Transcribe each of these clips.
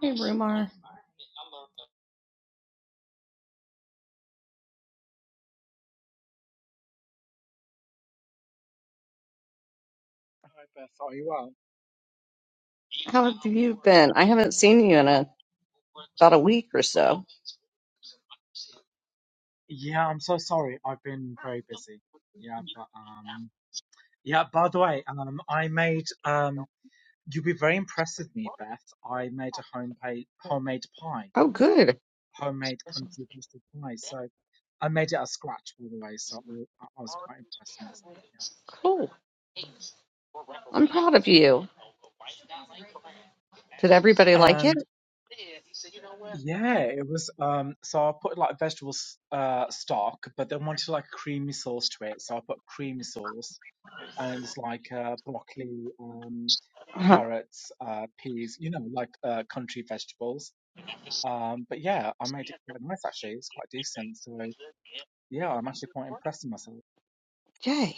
Hey, Rumar. Hi Beth, are you well? How have you been? I haven't seen you in a, about a week or so. Yeah, I'm so sorry. I've been very busy. Yeah, but um, yeah. By the way, um, I made um, you'll be very impressed with me, Beth. I made a home homemade homemade pie, Oh, good. homemade country roasted pie. So I made it out of scratch by the way. So I I was quite impressed with myself. Cool. I'm proud of you. Did everybody Yeah. like it? And yeah, it was um. So I put like vegetable s- uh stock, but then wanted like creamy sauce to it. So I put creamy sauce. and it was like uh, broccoli, um, Huh? carrots, uh, peas, you know, like uh, country vegetables. Um, but yeah, I made it quite nice actually. It's quite decent. So yeah, I'm actually quite impressed with myself. Yay.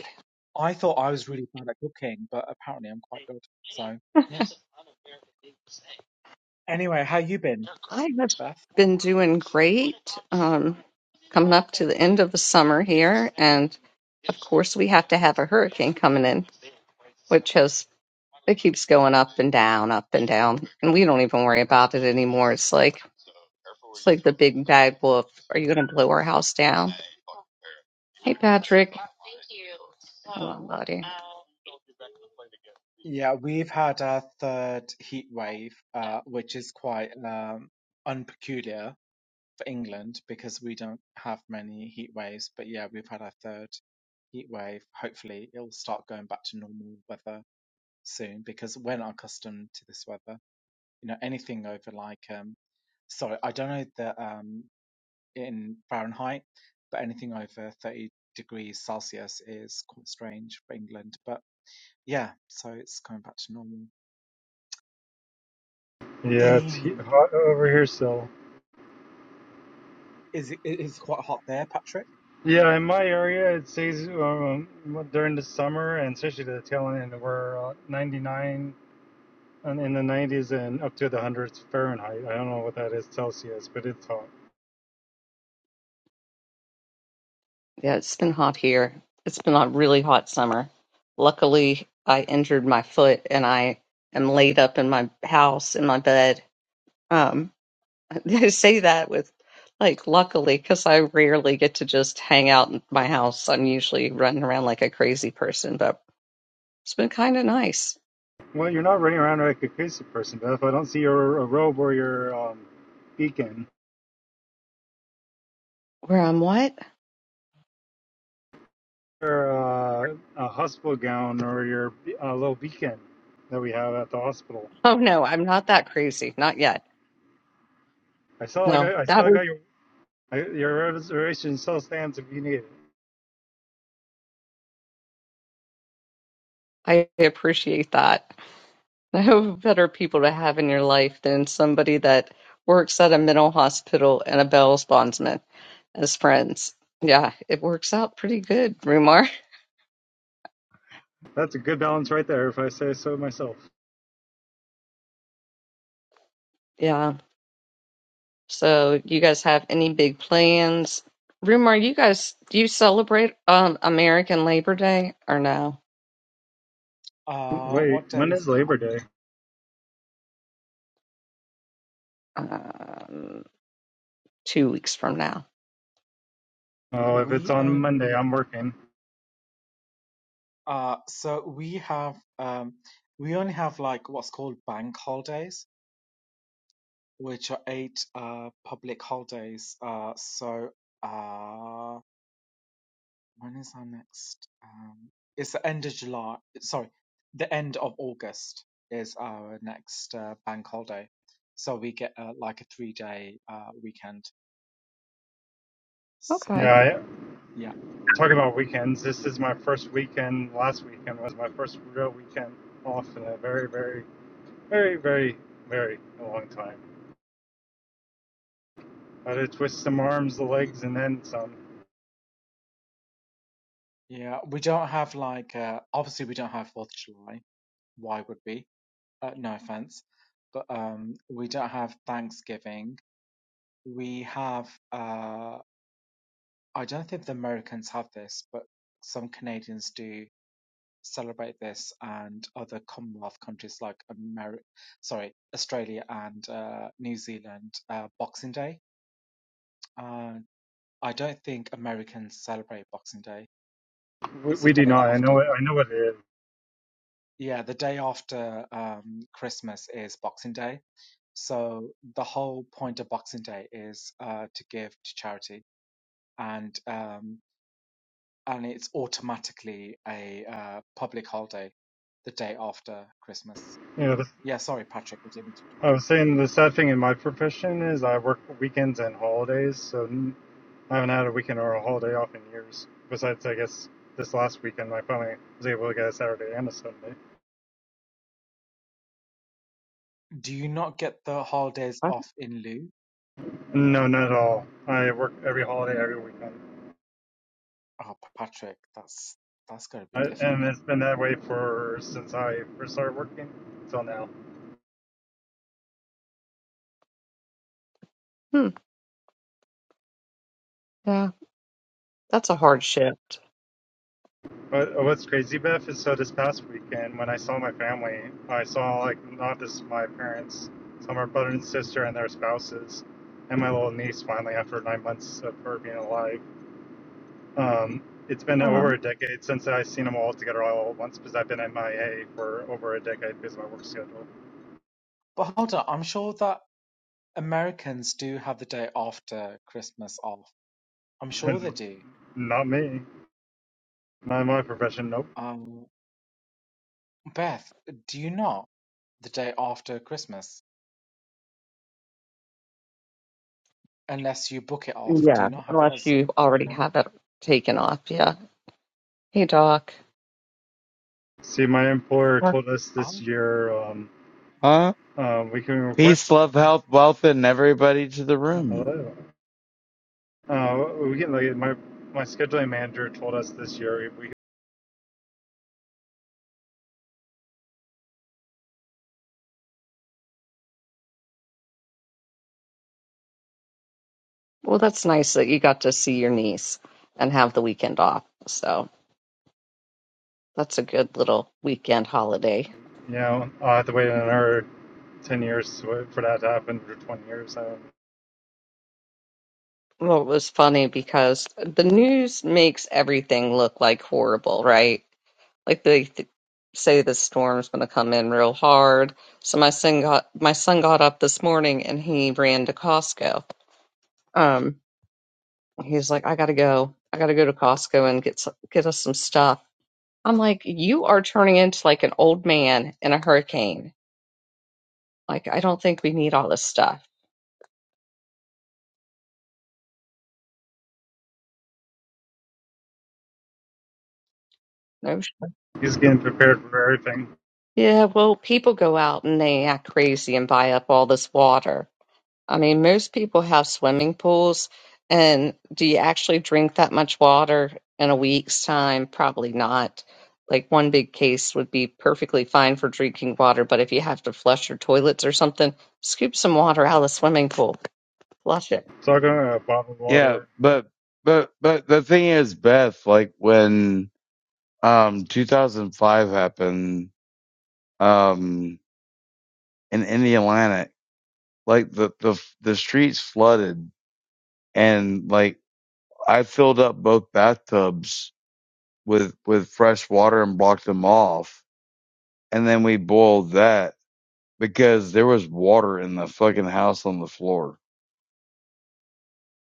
I thought I was really bad at cooking, but apparently I'm quite good. So yeah. Anyway, how you been, I have Beth? been doing great. Um, coming up to the end of the summer here. And of course, we have to have a hurricane coming in, which has, it keeps going up and down, up and down. And we don't even worry about it anymore. It's like, it's like the big bad wolf. Are you going to blow our house down? Hey, Patrick. Hello, buddy. Yeah, we've had our third heat wave, uh, which is quite um, unpeculiar. England because we don't have many heat waves. But yeah, we've had our third heat wave. Hopefully, it'll start going back to normal weather soon because we're not accustomed to this weather. You know, anything over like um, sorry, I don't know the um in Fahrenheit, but anything over thirty degrees Celsius is quite strange for England. But yeah, so it's going back to normal. Yeah, it's he- Anyway, hot over here still. is it it is quite hot there, Patrick? Yeah, in my area, it stays um, during the summer and especially the tail end. We're uh, 99 and in the 90s and up to the hundreds Fahrenheit. I don't know what that is Celsius, but it's hot. Yeah, it's been hot here. It's been a really hot summer. Luckily, I injured my foot and I am laid up in my house in my bed. Um, I say that with like luckily because I rarely get to just hang out in my house. I'm usually running around like a crazy person, but it's been kind of nice. Well, you're not running around like a crazy person, Beth. I don't see your a robe or your um, beacon Where I'm what? or uh, a hospital gown or your be- uh, little beacon that we have at the hospital. Oh no, I'm not that crazy. Not yet. I still No, got, I that still was, got your I, your reservation still stands if you need it. I appreciate that. No better people to have in your life than somebody that works at a mental hospital and a bail bondsman as friends. Yeah, it works out pretty good, Rumar. That's a good balance right there, if I say so myself. Yeah. So you guys have any big plans? Rumar, you guys do you celebrate um American Labor Day or no? Uh, Wait, what day when is is that? Labor Day? Um, two weeks from now. Oh, if it's We on Monday, only. I'm working. Uh, so we have um, we only have like what's called bank holidays, which are eight uh public holidays. Uh, so uh, when is our next? Um, it's the end of July. Sorry, the end of August is our next uh, bank holiday. So we get uh, like a three day uh weekend. So Yeah, Okay. I, yeah, talking about weekends, this is my first weekend. Last weekend was my first real weekend off in a very, very, very, very, very long time. I had to twist some arms, the legs, and then some. yeah, we don't have like uh, obviously we don't have Fourth of July. Why would we? uh, no offense, but um, we don't have Thanksgiving. We have, uh, I don't think the Americans have this, but some Canadians do celebrate this, and other Commonwealth countries like Ameri- sorry, Australia and uh, New Zealand, uh, Boxing Day. Uh, I don't think Americans celebrate Boxing Day. We, It's the we do day not. I after. know it. I know what it is. Yeah, the day after um, Christmas is Boxing Day. So the whole point of Boxing Day is uh, to give to charity, and um, and it's automatically a uh, public holiday the day after Christmas. You know, the, Yeah, sorry, Patrick, we didn't. I Do was that. saying the sad thing in my profession is I work weekends and holidays, so I haven't had a weekend or a holiday off in years. Besides, I guess this last weekend I finally was able to get a Saturday and a Sunday. Do you not get the holidays Uh, off in lieu? No, not at all. I work every holiday, every weekend, Oh, Patrick, that's that's going to be I, difficult. and it's been that way for since I first started working till now. Hmm. Yeah, that's a hard shift. But what's crazy, Beth, is so this past weekend when I saw my family, I saw like not just my parents, some of my brother and sister and their spouses, and my little niece finally after nine months of her being alive. Um, it's been over Oh. a decade since I've seen them all together all at once because I've been MIA for over a decade because of my work schedule. But hold on, I'm sure that Americans do have the day after Christmas off. I'm sure they And do. not me, not in my profession, nope. Um, Beth, do you not the day after Christmas? Unless you book it off. Do Yeah, you not have it unless as a... you already No? have it taken off. Yeah. Hey, Doc. See, my employer told us this Oh. year um, Huh? uh, we can request. Peace, love, health, wealth, and everybody to the room. Hello. Uh, we can, like, my, my scheduling manager told us this year we, you Well, that's nice that you got to see your niece and have the weekend off. So that's a good little weekend holiday. know, I'll have to wait another 10 years to- for that to happen, or 20 years. So Well, it was funny because the news makes everything look like horrible, right? Like they th say the storm's going to come in real hard. So my son got my son got up this morning and he ran to Costco. Um, he's like, I gotta go. I gotta go to Costco and get s- get us some stuff. I'm like, you are turning into like an old man in a hurricane Like, I don't think we need all this stuff. No. sh- he's getting prepared for everything. Yeah, well, people go out and they act crazy and buy up all this water. I mean, most people have swimming pools, and do you actually drink that much water in a week's time? Probably not. Like, one big case would be perfectly fine for drinking water, but if you have to flush your toilets or something, scoop some water out of the swimming pool, flush it. So I go to a bottled Yeah, water but but but the thing is, Beth, like when um 2005 happened um in in the Atlantic, like the the the streets flooded, and like I filled up both bathtubs with with fresh water and blocked them off, and then we boiled that because there was water in the fucking house on the floor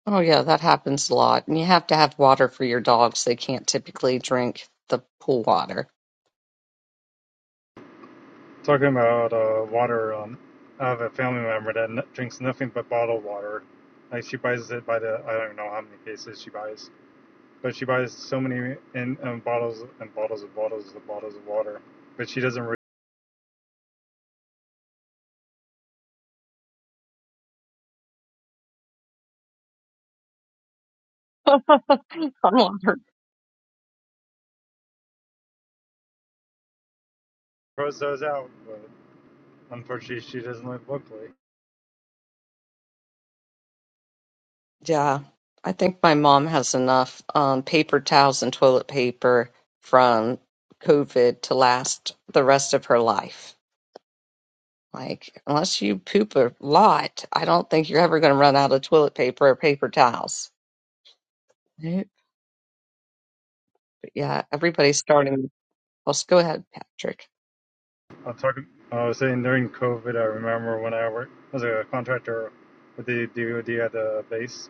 Oh, yeah, that happens a lot. And you have to have water for your dogs. They can't typically drink the pool water. Talking about uh, water, um, I have a family member that n- drinks nothing but bottled water. Like she buys it by the I don't know how many cases she buys, but she buys so many in um, bottles and bottles and bottles and bottles of water. But she doesn't really throws those out. But unfortunately, she doesn't live locally. Yeah, I think my mom has enough um, paper towels and toilet paper from COVID to last the rest of her life. Like, unless you poop a lot, I don't think you're ever going to run out of toilet paper or paper towels. Right. But yeah, everybody's starting. Let's go ahead, Patrick. I was talking. I was saying during COVID, I remember when I worked as a contractor with the DoD at the base.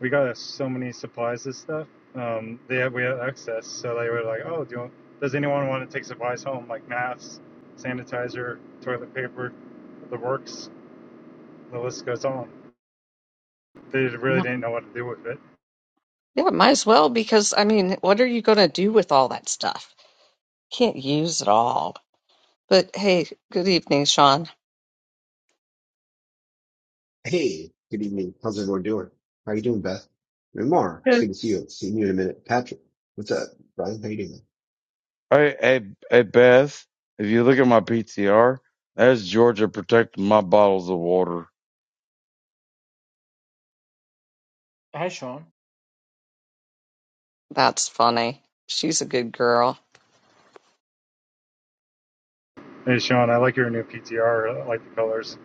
we got so many supplies and stuff. Um, they had, we had excess, so they were like, "Oh, do you want, does anyone want to take supplies home? Like masks, sanitizer, toilet paper, the works. The list goes on. They really Mi- didn't know what to do with it. Yeah, might as well because I mean, what are you going to do with all that stuff? Can't use it all. But hey, good evening, Sean. Hey, good evening. How's everyone doing? How you doing, Beth? Ramar, it's Good. good to see you. See you in a minute. Patrick, what's up, Brian? How you doing? Hey, hey, hey, Beth, if you look at my PTR, that's Georgia protecting my bottles of water. Hey, Sean. That's funny. She's a good girl. Hey, Sean, I like your new PTR. like the colors.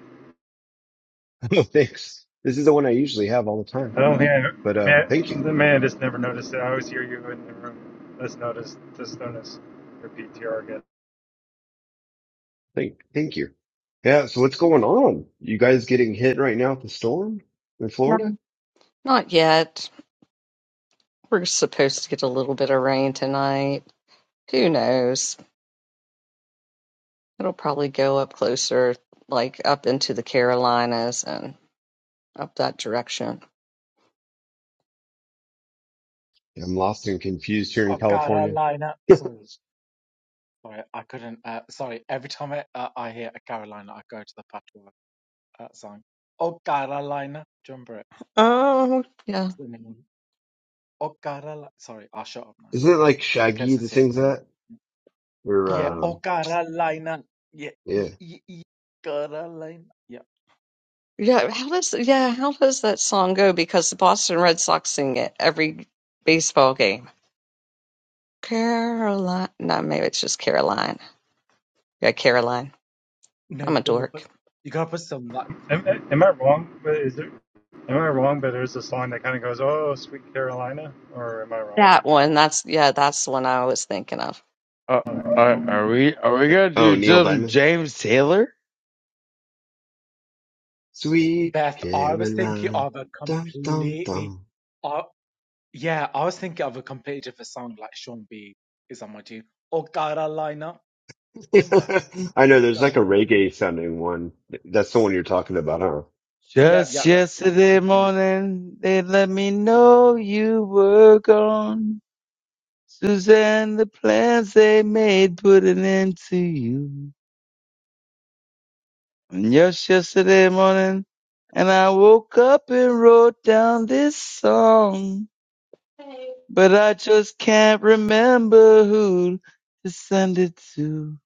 Oh, thanks. This is the one I usually have all the time, I don't think I, but uh, thank you, man, the man just never noticed it. I always hear you in the room. Let's notice. Just notice your PTR again. thank, thank you. Yeah. So what's going on? You guys getting hit right now with the storm in Florida? Not yet. We're supposed to get a little bit of rain tonight. Who knows? It'll probably go up closer, like up into the Carolinas and up that direction. I'm lost and confused here in Oh, California. Carolina. Isn't Sorry. Sorry, I couldn't. Uh, sorry, every time I, uh, I hear a Carolina, I go to the patois uh, song. Oh, Carolina. Do you remember it? Oh, yeah. It's the name. Oh, Carolina. Sorry, I'll shut up now it like because Shaggy it's a that serious sings thing. that? Or Yeah, Uh, oh um, Carolina. Yeah, yeah. y y y Carolina. Yeah. yeah, how does yeah, how does that song go? Because the Boston Red Sox sing it every baseball game. Caroline, no, maybe it's just Caroline. Yeah, Caroline. No, I'm a you gotta dork. put you gotta put some Am, am I like wrong? But is there? Am I wrong? But there's this line that kind of goes, "Oh, sweet Carolina," or am I wrong? That one, that's yeah, that's the one I was thinking of. Uh, All right, are, cool. are All we right. are we gonna Oh, do Neil some Diamond. James Taylor? Sweet Beth, I was thinking Caroline, of a dum dum completely, dum. uh, yeah, I was thinking of a completely different song like Sean B is on my team Oh, Carolina. Remember? I know Oh, there's like a Carolina. reggae sounding one. That's the one you're talking about, huh? Yep, Just yep, yep. That's yesterday the one. morning, they let me know you were gone. Suzanne, the plans they made put an end to you. And just yesterday morning, and I woke up and wrote down this song. but I just can't remember who to send it to.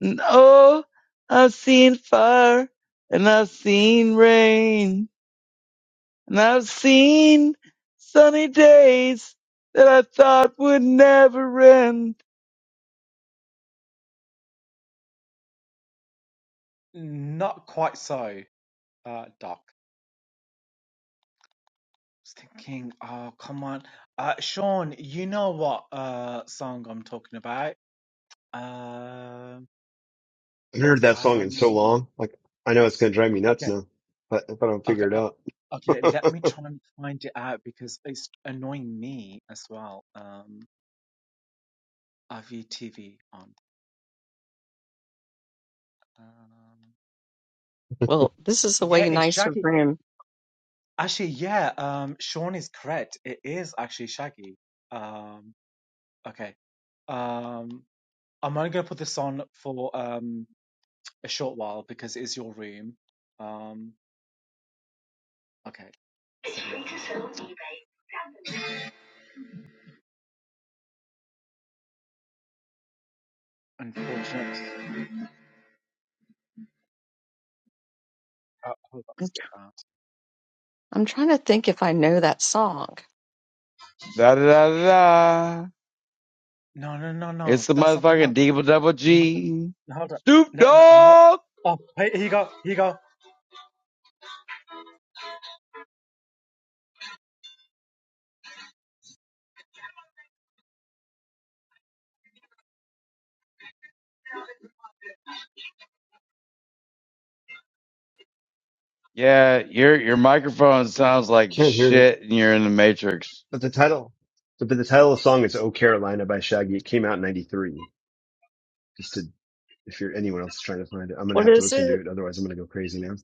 And oh, I've seen fire and I've seen rain and I've seen sunny days that I thought would never end. Not quite so, uh, Doc. I was thinking, oh, come on. Uh, Sean, you know what uh song I'm talking about? Um, I haven't Oh, heard that song in so Carolina. long. Like, I know it's going to drive me nuts Okay. now, but if I don't Okay, figure it uh, out, okay, let me try and find it out because it's annoying me as well. Um, IVTV on. Um, Well, this is a yeah, way it's nicer Shaggy. room. Actually, yeah, um, Sean is correct. It is actually Shaggy. Um, okay. Um, I'm only gonna put this on for um a short while because it is your room. Um, okay. Unfortunate. Uh, hold on, skip that. I'm trying to think if I know that song. Da da da da. da. No, no, no, no. It's the That's not the one. motherfucking Deeble Double hold up. G. No, hold up. Snoop No, no, Dogg! Oh, hey, here you go. Here you go. Yeah, your your microphone sounds like can't hear it. shit and you're in the Matrix. But the title, but the title of the song is Oh Carolina by Shaggy. It came out in 93. Just to, if you're anyone else is trying to find it, I'm going to What have to is listen to it? it. Otherwise I'm going to go crazy now.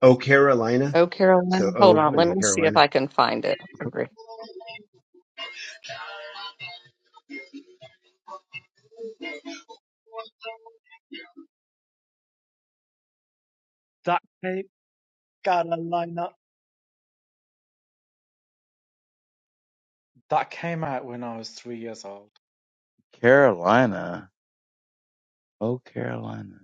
Oh Carolina. Oh, So, Carolyn, hold oh, on. and Let then me see if Carolina. I can find it. Okay. That came, gotta line up. That came out when I was three years old. Carolina. Oh, Carolina.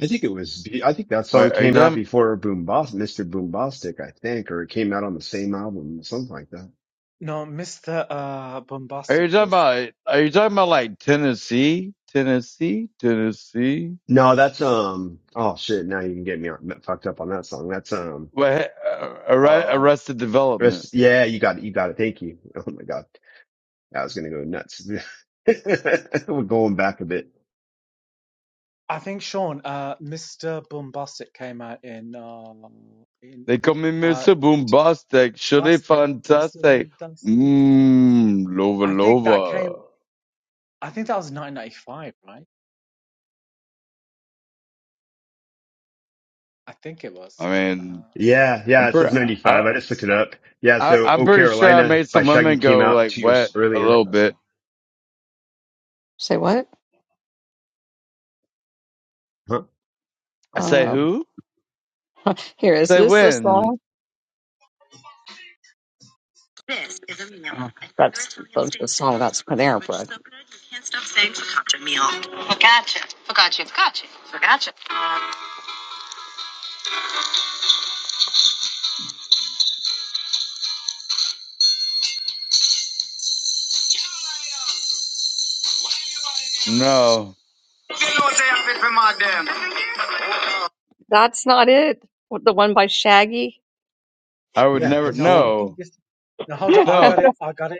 I think it was. be- I think that song Wait, are you came out talking? before Boombas, Mr. Boombastic, I think, or it came out on the same album, something like that. No, Mr. Uh, Are Bombastic you talking was. about? Are you talking about like Tennessee, Tennessee, Tennessee? No, that's um. Oh shit! Now you can get me on, fucked up on that song. That's um. What arre- Uh, Arrested Development? rest, yeah, you got it. You got it. Thank you. Oh my god, I was gonna go nuts. We're going back a bit. I think Sean. Uh, Mr. Bombastic came out in uh in They come in uh Mr. t- Boombastic, surely Bombastic. Mr. fantastic. Bombastic. Mmm, lova I think that came. lova. I think that was 1995, right? I think it was. I Um, mean, Yeah, I'm yeah, it says pretty. 95. I, I just looked it up. Yeah, I, so I'm Oh pretty sure I Carolina made by some Shaggy women came go out like two years wet a earlier. little bit. Say what? Huh? I say Um, who? here, is Say this the when? song? That's the, the song that's Panera Bread. Gotcha. Gotcha. Gotcha. Gotcha. No, That's not it. What, The one by Shaggy? I would Yeah, never. that's no, the I one. think No, this. No, hold on. I no. got it. I got it.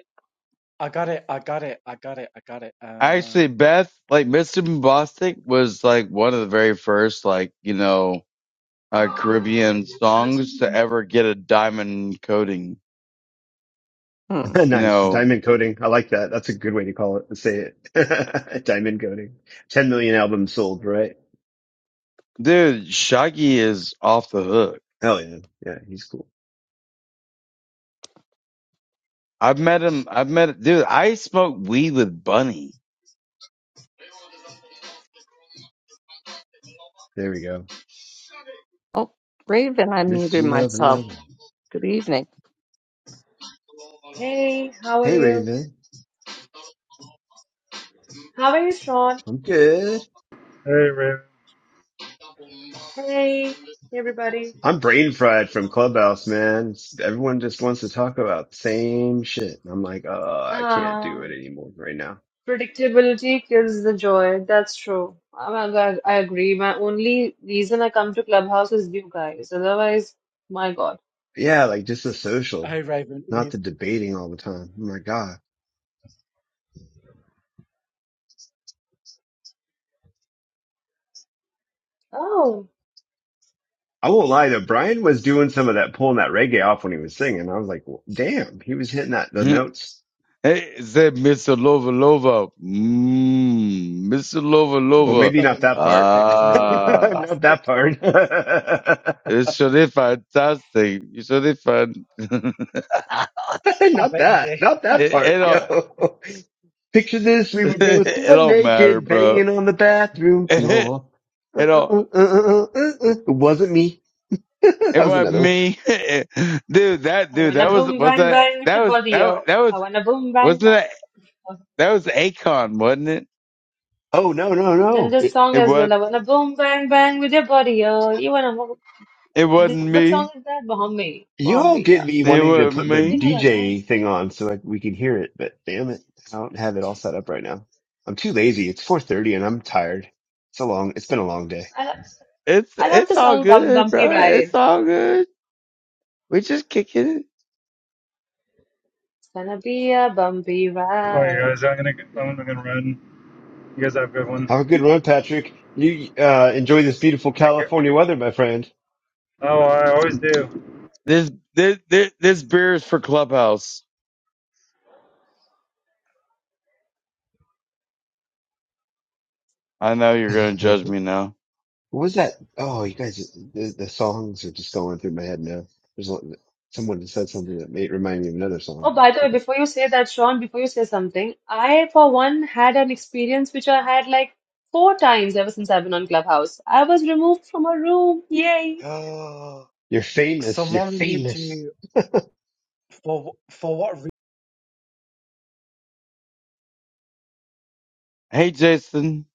I got it. I got it. I got it. I got it. Uh, Actually, Beth, like Mr. Bombastic was like one of the very first, like, you know, uh, Caribbean songs to ever get a diamond coating. Hmm. You nice. know, Diamond coating. I like that. That's a good way to call it, to say it. Diamond coating. 10 million albums sold, right? dude, Shaggy is off the hook. Hell yeah. Yeah, he's cool. I've met him. I've met, dude, I smoked weed with Bunny. There we go. Oh, Raven, I Mr. muted Love myself. Lovin'. Good evening. Hey, how are Hey, you? Raven. How are you, Sean? I'm good. Hey, Raven. Hey, everybody. I'm brain fried from Clubhouse, man. It's- Everyone just wants to talk about the same shit. And I'm like, oh, I can't do it Um, anymore right now. predictability kills the joy. That's true. I, I I agree. My only reason I come to Clubhouse is you guys. Otherwise, my God. Yeah, like just the social, hey, Raven, not with the debating all the time. Oh my God. Oh, I won't lie though. Brian was doing some of that, pulling that reggae off when he was singing. I was like, well, damn, he was hitting that, the hey, notes. it said Mr. Lova Lova. Mmm, Mr. Lova Well, Lova. maybe Mr. not that part. Bombastic, Mr. ooh. Ah, not Bombastic. that part. it's really fantastic. It's really fun. it, I not bet you that, did. not that part. it, uh, Yo, picture this. We were both it butt don't matter, naked, bro. banging on the bathroom floor. Uh, It don't. uh, uh, uh, uh, uh. uh. It wasn't me. that It was wasn't another one. me, dude. That I dude. wanna That was boom was bang that bang with that your was body, that yo. that was I wanna boom bang wasn't bang. that that was Akon, wasn't it? Oh, no, no, Then no. this song It as was. well. I wanna boom bang bang with your body, yo. You wanna It wasn't what song me. is that? Bombay. You all Bombay, get yeah. me It wanting to wasn't put the ठीक me. है DJ लगा। thing on so I, we can hear it, but damn it, I don't have it all set up right now. I'm too lazy. It's 4:30 and I'm tired. It's a long. It's been a long day. It's I love the it's all song Bum good, Bumpy bro. It's Ride. all good. We just kicking it. It's gonna be a bumpy All right, ride. guys. I'm gonna I'm gonna run. You guys have a good one. Have a good run, Patrick. You uh, enjoy this beautiful Take care. California weather, my friend. Oh, I always do. This this this, this beer is for Clubhouse. I know you're gonna judge what me now. was that? Oh, you guys, the, the songs are just going through my head now. There's one- someone said something that made remind me of another song. Oh, but by the way, Okay, before you say that, Sean, before you say something, I, for one, had an experience which I had like four times ever since I've been on Clubhouse. I was removed from a room. Yay. Oh, you're famous. You're someone removed famous. you for for what reason? Hey, Jason.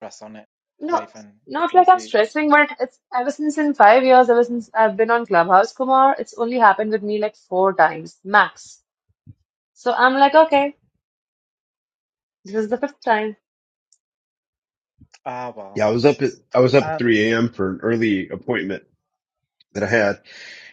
Press on it, No, Raven. not Because like I'm you. Yeah. stressing, but it's ever since in five years, ever since I've been on Clubhouse, Kumar, it's only happened with me like four times max. So I'm like, okay, this is the fifth time. Ah, well. Yeah, I was up at I was up at 3 a.m. for an early appointment that I had.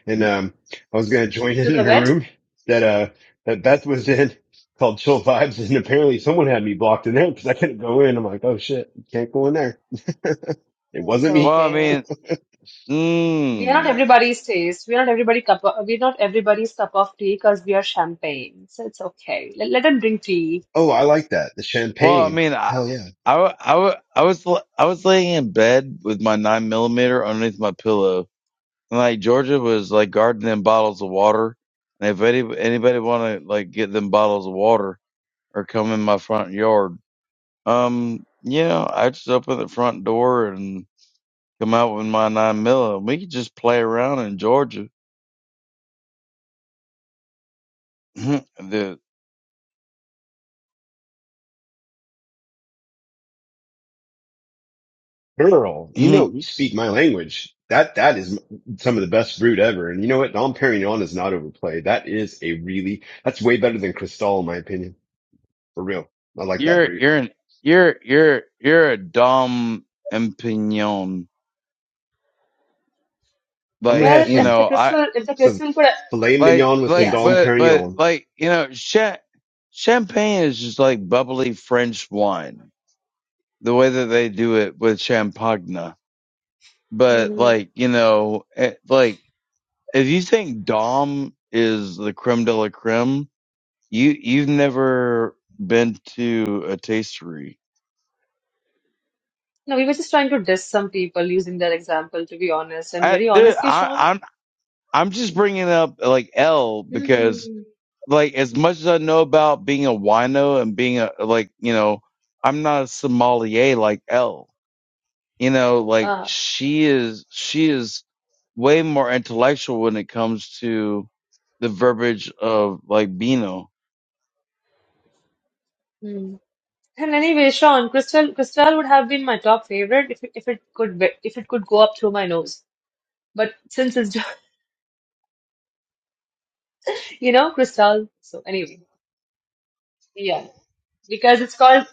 and um, I was gonna join in To the in a vet? room that uh that Beth was in called Chill Vibes, and apparently someone had me blocked in there because I couldn't go in. I'm like, oh shit, can't go in there. It It's wasn't me. Well, I okay. mean, We are not mm, everybody's taste. We are not everybody cup of, we're not everybody's cup of tea because we are champagne. So it's okay. Let, let them drink tea. Oh, I like that the Well, I champagne. mean, I, Hell yeah, I, w- I, w- I was l- I was laying in bed with my nine millimeter underneath my pillow, and like Georgia was like guarding them bottles of water. And if any, anybody want to like get them bottles of water or come in my front yard, um, you know, I just open the front door and come out with my nine mil, and we could just play around in Georgia. the girl. You you're know you speak my language. That that is m- some of the best fruit ever. And you know what? Dom Perignon is not overplayed. That is a really that's way better than Cristal in my opinion. For real, I like that brute. you're an, you're you're you're a dumb opinion I'm gonna like have Well, you some if the know I crystal, if the some crystal could, filet like mignon with some like yeah, Dom sir. but but Perignon. like you know cha- champagne is just like bubbly french wine the way that they do it with champagne but Mhm. like you know eh, like if you think dom is the creme de la creme you you've never been to a tastery No, we were just trying to diss some people using that example, to be honest. And i very dude, honestly, i Sean. i'm i'm just bringing up like l because hmm like as much as I know about being a wino and being a like you know I'm not a sommelier like Elle. You know, like Ah. she is she is way more intellectual when it comes to the verbiage of like Beano. hmm. And anyway, Sean, Crystal, Crystal would have been my top favorite if, if it could, be, if it could go up through my nose. But since it's, you know, Crystal. So anyway, yeah, because it's called.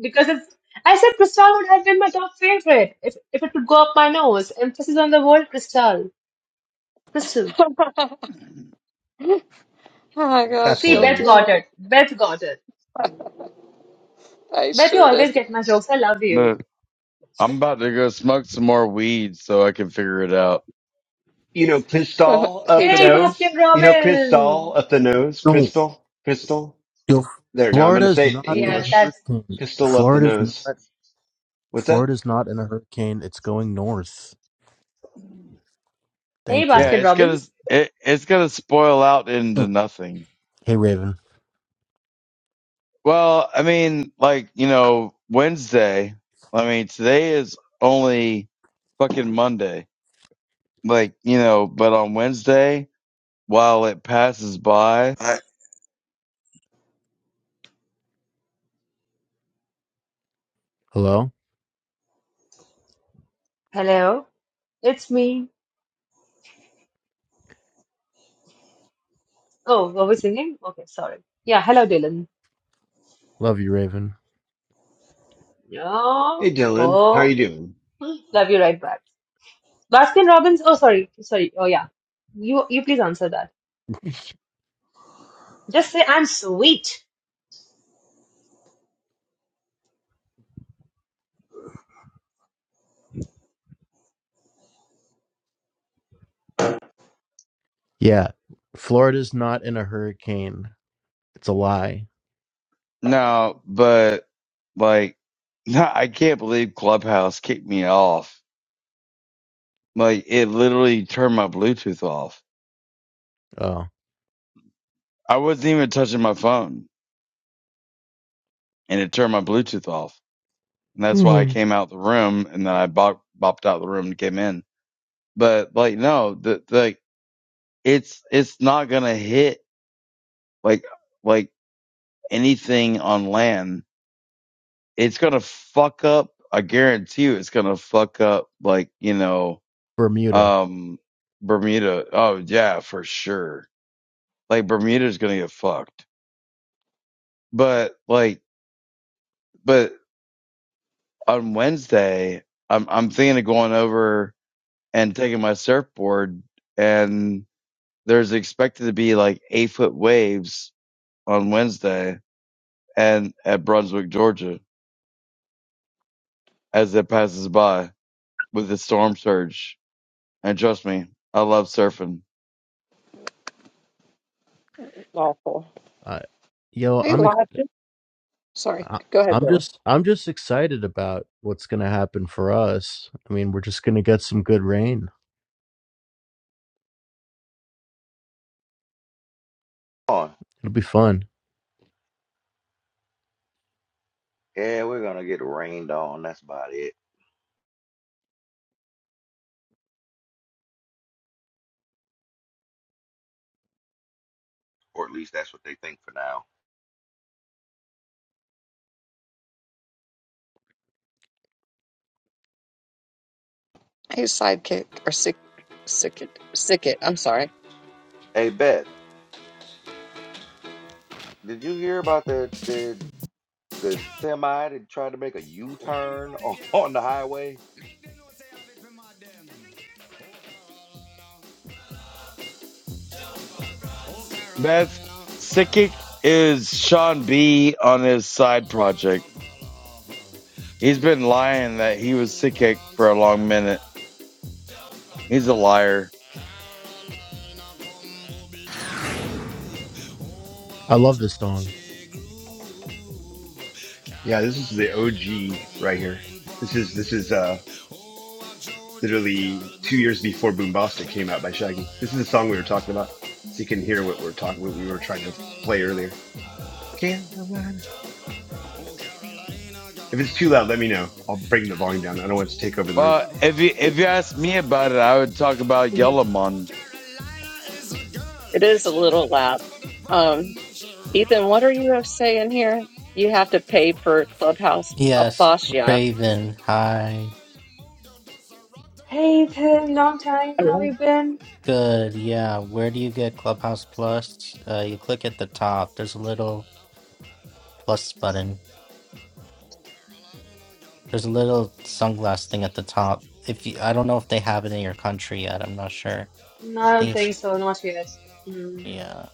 Because if I said Crystal would have been my top favorite if, if it would go up my nose. Emphasis on the word Crystal. Crystal. Oh my gosh, That's See, go Beth hilarious. through got that. it. Beth got it. I Beth, you sure did. always get my jokes. I love you. Look, I'm about to go smoke some more weed so I can figure it out. you know, Cristal up Hey, the Hey, Dylan. nose. Baskin You know, Cristal Robbins. up the nose. No, Crystal, crystal. yo, There. Now I'm going to Florida's say it in not in a Yeah, English. that's. hurricane. Crystal up the Florida's not. nose. What's that? Florida's not in a hurricane. It's going north. Hey, Thank you. Yeah, Baskin it's gonna Robbins. it, it's gonna spoil out into Huh. nothing. Hey, Raven. Well, I mean, like, you know, Wednesday, I mean, today is only fucking Monday. Like, you know, but on Wednesday, while it passes by, I Hello. Hello. It's me. Oh, were we singing? Okay, sorry. Yeah, hello, Dylan. Love you, Raven. Hey, No. Dylan, how you Oh, doing? love you right back. Baskin Robbins. Oh, sorry. Sorry. Oh, yeah. You, you please answer that. Just say, I'm sweet. Yeah, Florida's not in a hurricane. It's a lie. no, but like, no, I can't believe Clubhouse kicked me off. Like, it literally turned my Bluetooth off. Oh, I wasn't even touching my phone and it turned my Bluetooth off. And that's why I Hmm. came out the room and then I bop, bopped out the room and came in. But like, no, the, like, it's it's not gonna hit like like anything on land. It's gonna fuck up. I guarantee you, it's gonna fuck up like you know, Bermuda. um, Bermuda. Oh yeah, for sure. Like Bermuda's gonna get fucked. But like, but on Wednesday, I'm I'm thinking of going over and taking my surfboard, and there's expected to be like eight foot waves on Wednesday and at Brunswick, Georgia as it passes by with the storm surge. And trust me, I love surfing. Awful. I, yo, Hey, I'm. ex- Lot. Sorry, I, go ahead, I'm Billy. just. I'm just excited about what's gonna happen for us. I mean, we're just gonna get some good rain. on. It'll be fun. Yeah, we're gonna get rained on. That's about it, or at least that's what they think for now. He's sidekick or sick, sicket, sicket. I'm sorry. Hey, Beth, did you hear about the the the semi that tried to make a U Anybody, turn on, girl, on the highway? they know say I it for mad them. Meth sickick is Sean B on his side project. He's been lying that he was sickick for a long minute. He's a liar. I love this song. Yeah, this is the OG right here. This is this is uh literally two years before Boombastic came out by Shaggy. This is the song we were talking about, so you can hear what we're talking, what we were trying to play earlier. Can't If it's too loud, let me know. I'll bring the volume down. I don't want it to take over the room. But if you Yeah. if you asked me about it, I would talk about Yellowmon It is a little loud. Um, Ethan, what are you saying here? You have to pay for Clubhouse Yes, Plus, yeah. Raven. Hi. Hey, Pim, long time. How Oh. you been? Good. Yeah. Where do you get Clubhouse Plus? Uh, you click at the top. There's a little plus button. There's a little sunglass thing at the top. If you, I don't know if they have it in your country yet. I'm not sure. I No, I think don't it's, think so. Not yet. Mm, yeah.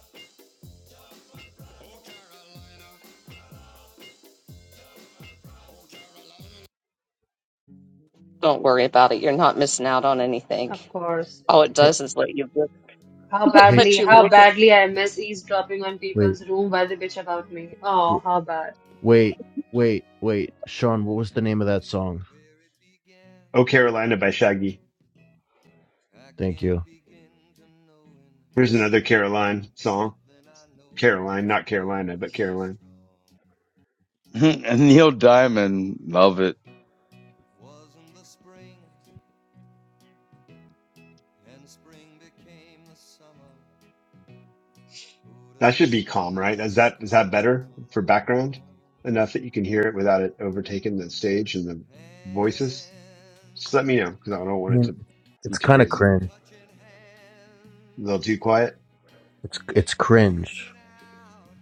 Don't worry about it. You're not missing out on anything. of course. All it Hey, does is let you How hey let badly, sh- you how look at. badly I miss eavesdropping on wait. people's room while they bitch about me. Oh, how bad. Wait, wait, wait. Sean, what was the name of that song? Oh, Carolina by Shaggy. Thank you. Here's another Caroline song. Caroline, not Carolina, but Caroline. and Neil Diamond. Love it. That should be calm, right? Is that is that better for background? Enough that you can hear it without it overtaking the stage and the voices? Just let me know because I don't I want it mean, to it's be too kind of crazy. cringe. A little too quiet? It's it's cringe.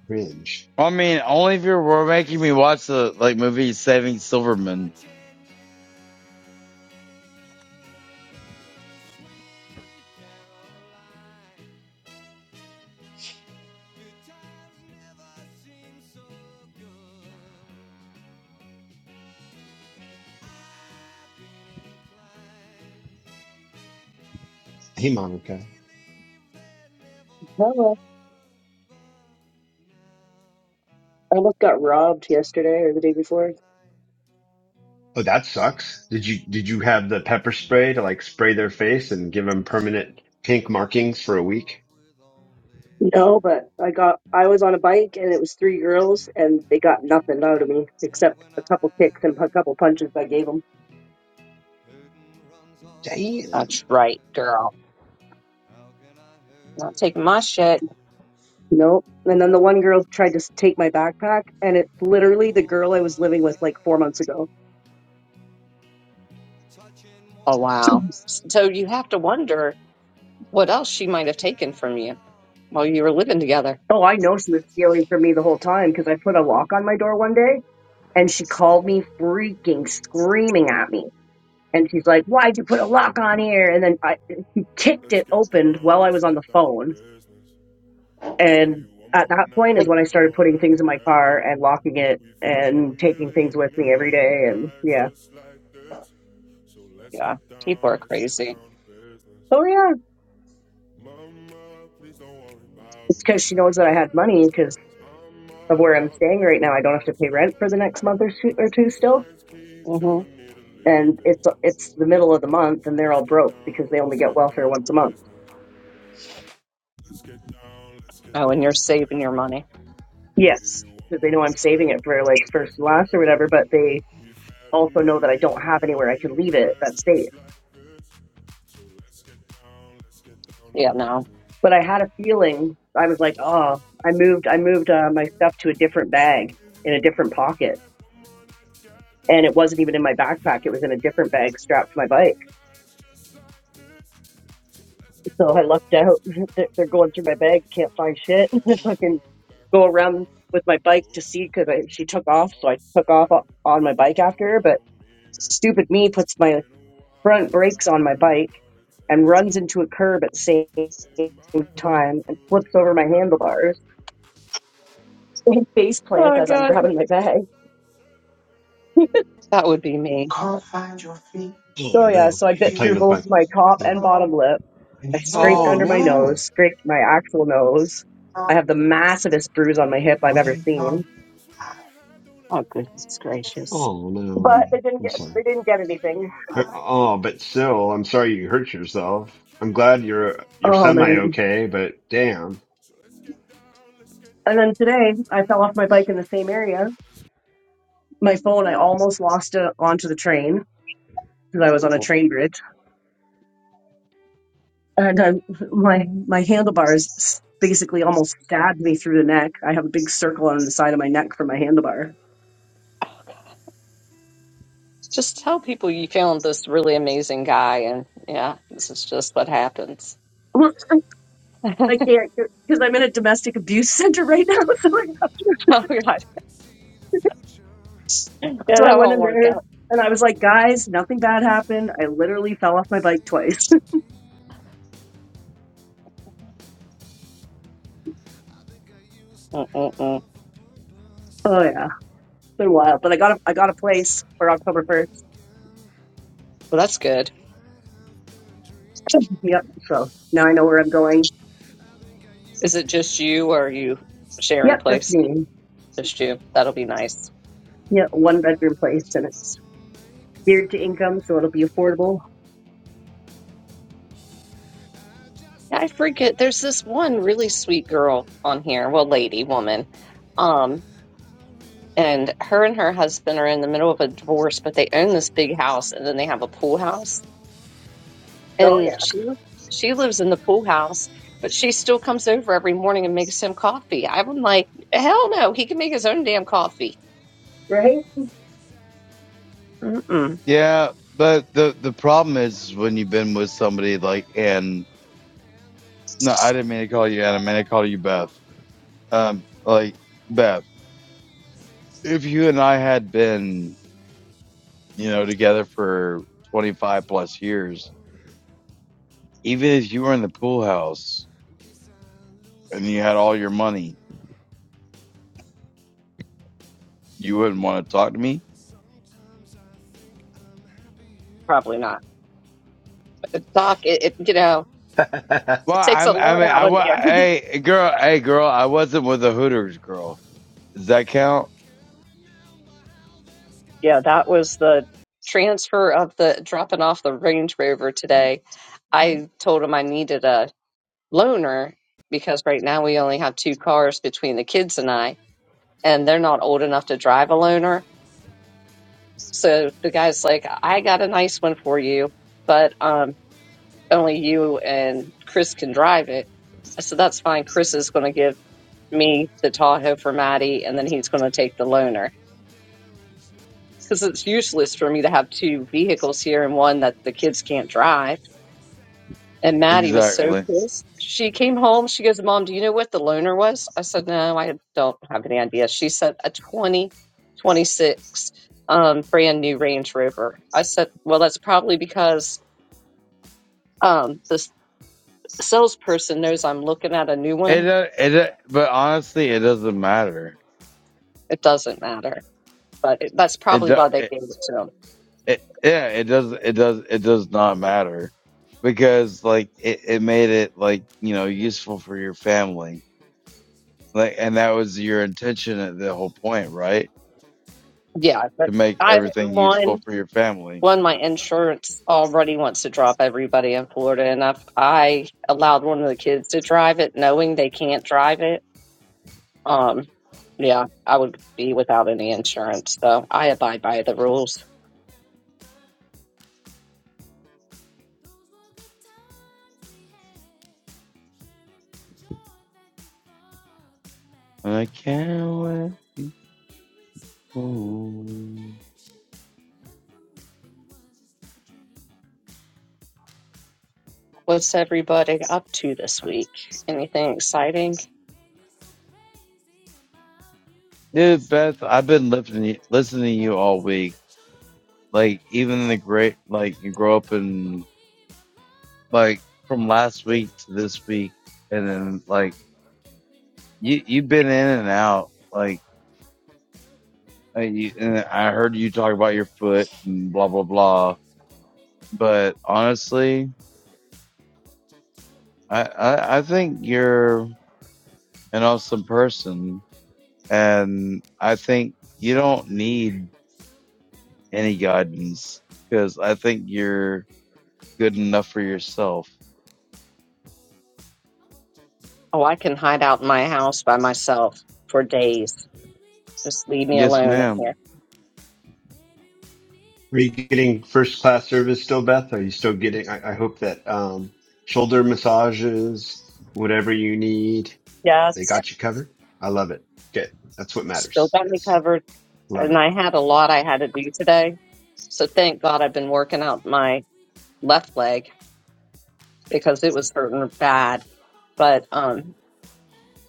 Cringe. I mean, only if you were making me watch the like movie Saving Silverman. Hey Monica. No, I almost got robbed yesterday or the day before. Oh, that sucks. Did you did you have the pepper spray to like spray their face and give them permanent pink markings for a week? No, but I got I was on a bike and it was three girls and they got nothing out of me except a couple kicks and a couple punches I gave them. Damn. That's right, girl. Not taking my shit. Nope. And then the one girl tried to s- take my backpack and it's literally the girl I was living with like four months ago. Oh So, wow. So you have to wonder what else she might have taken from you while you were living together. Oh, I know she was stealing from me the whole time because I put a lock on my door one day and she called me freaking screaming at me. And she's like, why'd you put a lock on here? And then I he kicked it open while I was on the phone. And at that point is Like, when I started putting things in my car and locking it and taking things with me every day. And yeah. yeah, people are crazy. Oh, yeah. It's because she knows that I had money because of where I'm staying right now. I don't have to pay rent for the next month or two, or two still. hmm And it's it's the middle of the month and they're all broke because they only get welfare once a month. Oh, and you're saving your money. Yes. Because they know I'm saving it for like first and last or whatever, but they also know that I don't have anywhere I can leave it that's safe. Yeah, no. But I had a feeling I was like, oh, I moved, I moved uh, my stuff to a different bag in a different pocket, and it wasn't even in my backpack. It was in a different bag strapped to my bike. So I lucked out. They're they're going through my bag, can't find shit. Fucking go around with my bike to see because she took off, so I took off o- on my bike after her. But stupid me puts my front brakes on my bike and runs into a curb at the same time and flips over my handlebars and face plants Oh, as I'm God. grabbing my bag. That would be me. Oh So yeah, no. so I I'm bit playing through with both my. my top Yeah. and bottom lip. I scraped Oh under my no. nose, scraped my actual nose. I have the massivest bruise on my hip I've ever seen. Oh, goodness gracious. Oh no, But they didn't I'm get sorry. they didn't get anything. Uh, Oh, but still, I'm sorry you hurt yourself. I'm glad you're you're Oh semi man. okay, but damn. And then today I fell off my bike in the same area. My phone I almost lost it onto the train because I was on a train bridge and I, my my handlebars s- basically almost stabbed me through the neck. I have a big circle on the side of my neck for my handlebar. Just tell people you found this really amazing guy, and yeah, this is just what happens. Well, oh, I can't because I'm in a domestic abuse center right now. God. Yeah, So I, so I that went won't in work there out. and I was like, guys, nothing bad happened. I literally fell off my bike twice. Mm-mm-mm. Well, oh yeah, it's been a while, but I got a I got a place for October first. that's good. Yep. So now I know where I'm going. Is it just you, or are you sharing a Yep, just place? me. Just you. That'll be nice. Yeah, one bedroom place and it's geared to income, so it'll be affordable. Yeah, I forget. There's this one really sweet girl on here. Well, lady, woman. Um, and her and her husband are in the middle of a divorce, but they own this big house and then they have a pool house. Oh And yeah, she she lives in the pool house, but she still comes over every morning and makes him coffee. I'm like, hell no, he can make his own damn coffee. right. Mm-mm, Yeah, but the the problem is when you've been with somebody like Ann. no, I didn't mean to call you Ann. I meant to call you Beth. Um, like Beth, if you and I had been, you know, together for 25 plus years, even if you were in the pool house and you had all your money, you wouldn't want to talk to me. probably not. Doc, it, it you know, Are Well, it takes a I'm, I lot mean, out I of was, you. hey, girl, hey, girl, I wasn't with the Hooters girl. Does that count? yeah, that was the transfer of the dropping off the Range Rover today Mm-hmm. I told him I needed a loaner because right now we only have two cars between the kids and I, and they're not old enough to drive a loaner. So the guy's like, I got a nice one for you, but um, only you and Chris can drive it. I said, That's fine. Chris is going to give me the Tahoe for Maddie, and then he's going to take the loaner because it's useless for me to have two vehicles here and one that the kids can't drive. And Maddie was so Exactly. pissed. She came home. She goes, Mom, do you know what the loaner was? I said, No, I don't have any idea. She said, A 2026 um, brand new Range Rover. I said, Well, that's probably because um, the s- salesperson knows I'm looking at a new It, one. do- it, do- but honestly, it doesn't matter It doesn't matter. But it, that's It, probably do- why they it, gave it to him. it yeah, it does it does it does not matter because like it, it made it like you know useful for your family like and that was your intention at the whole point right Yeah. But to make I, everything one, useful for your family. one, my insurance already wants to drop everybody in Florida, and I I allowed one of the kids to drive it, knowing they can't drive it. Um, yeah, I would be without any insurance, so I abide by the rules. I can't let you go. What's everybody up to this week? Anything exciting? Dude, Beth, I've been listening listening to you all week. Like even the great like you grow up in like from last week to this week and then like you you've been in and out like I heard you talk about your foot and blah blah blah. But honestly, I, I I think you're an awesome person, and I think you don't need any guidance because I think you're good enough for yourself. Oh, I can hide out in my house by myself for days. Just leave me Yes, alone in ma'am. here. you getting first class service still, Beth? Are you still getting? I, I hope that um shoulder massages, whatever you need, they Yes, got you covered. I love it. Good. That's what still matters. got me Yes, covered, love it. and I had a lot I had to do today. So thank God I've been working out my left leg because it was hurting bad. But um,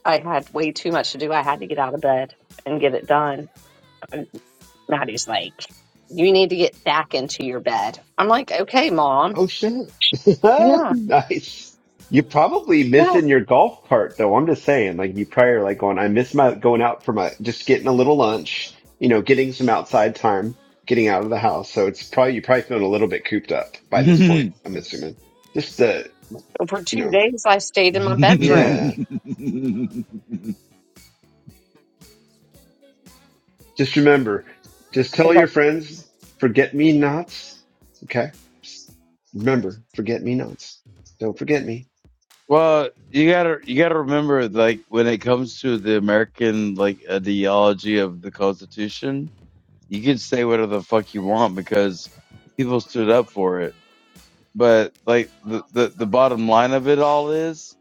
I had way too much to do. I had to get out of bed and get it done. And Maddie's like, "You need to get back into your bed." I'm like, "Okay, mom." Oh shit. Yeah, nice. You're probably yeah. missing your golf cart though. I'm just saying, like you probably are like going, I miss my going out for my just getting a little lunch, you know, getting some outside time, getting out of the house. So it's probably you're probably feeling a little bit cooped up by this point, I'm assuming. Just the, And For you two know, days, I stayed in my bedroom. yeah. Just remember, just I tell think your that's friends, forget me nots. Okay. Remember, forget me nots. Don't forget me. well, you gotta you gotta remember, like when it comes to the American like ideology of the Constitution, you could say whatever the fuck you want because people stood up for it. But like the, the, the bottom line of it all is,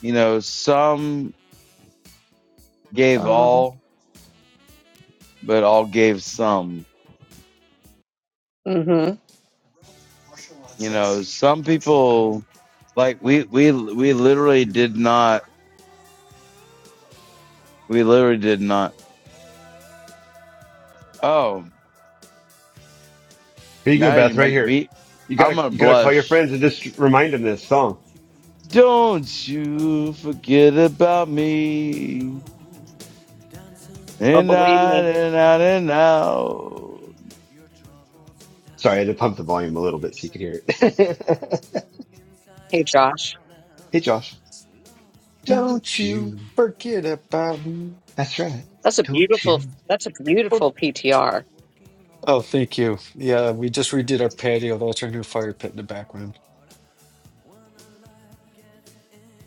you know, some gave um. all, but all gave some. Mm-hmm. You know, some people like we we we literally did not we literally did not. Oh, Here you go, now you Beth, right make here. me. You I'm gotta, gonna you gotta call your blush. friends and just remind them this song. Don't you forget about me. Oh, and believe out me. and out and out. Sorry, I had to pump the volume a little bit so you could hear it. Hey, Josh, hey, Josh. Don't Don't you you? forget about me. That's right. that's a Don't beautiful. you? That's a For- beautiful PTR. oh, thank you. Yeah, we just redid our patio. That's our new fire pit in the background.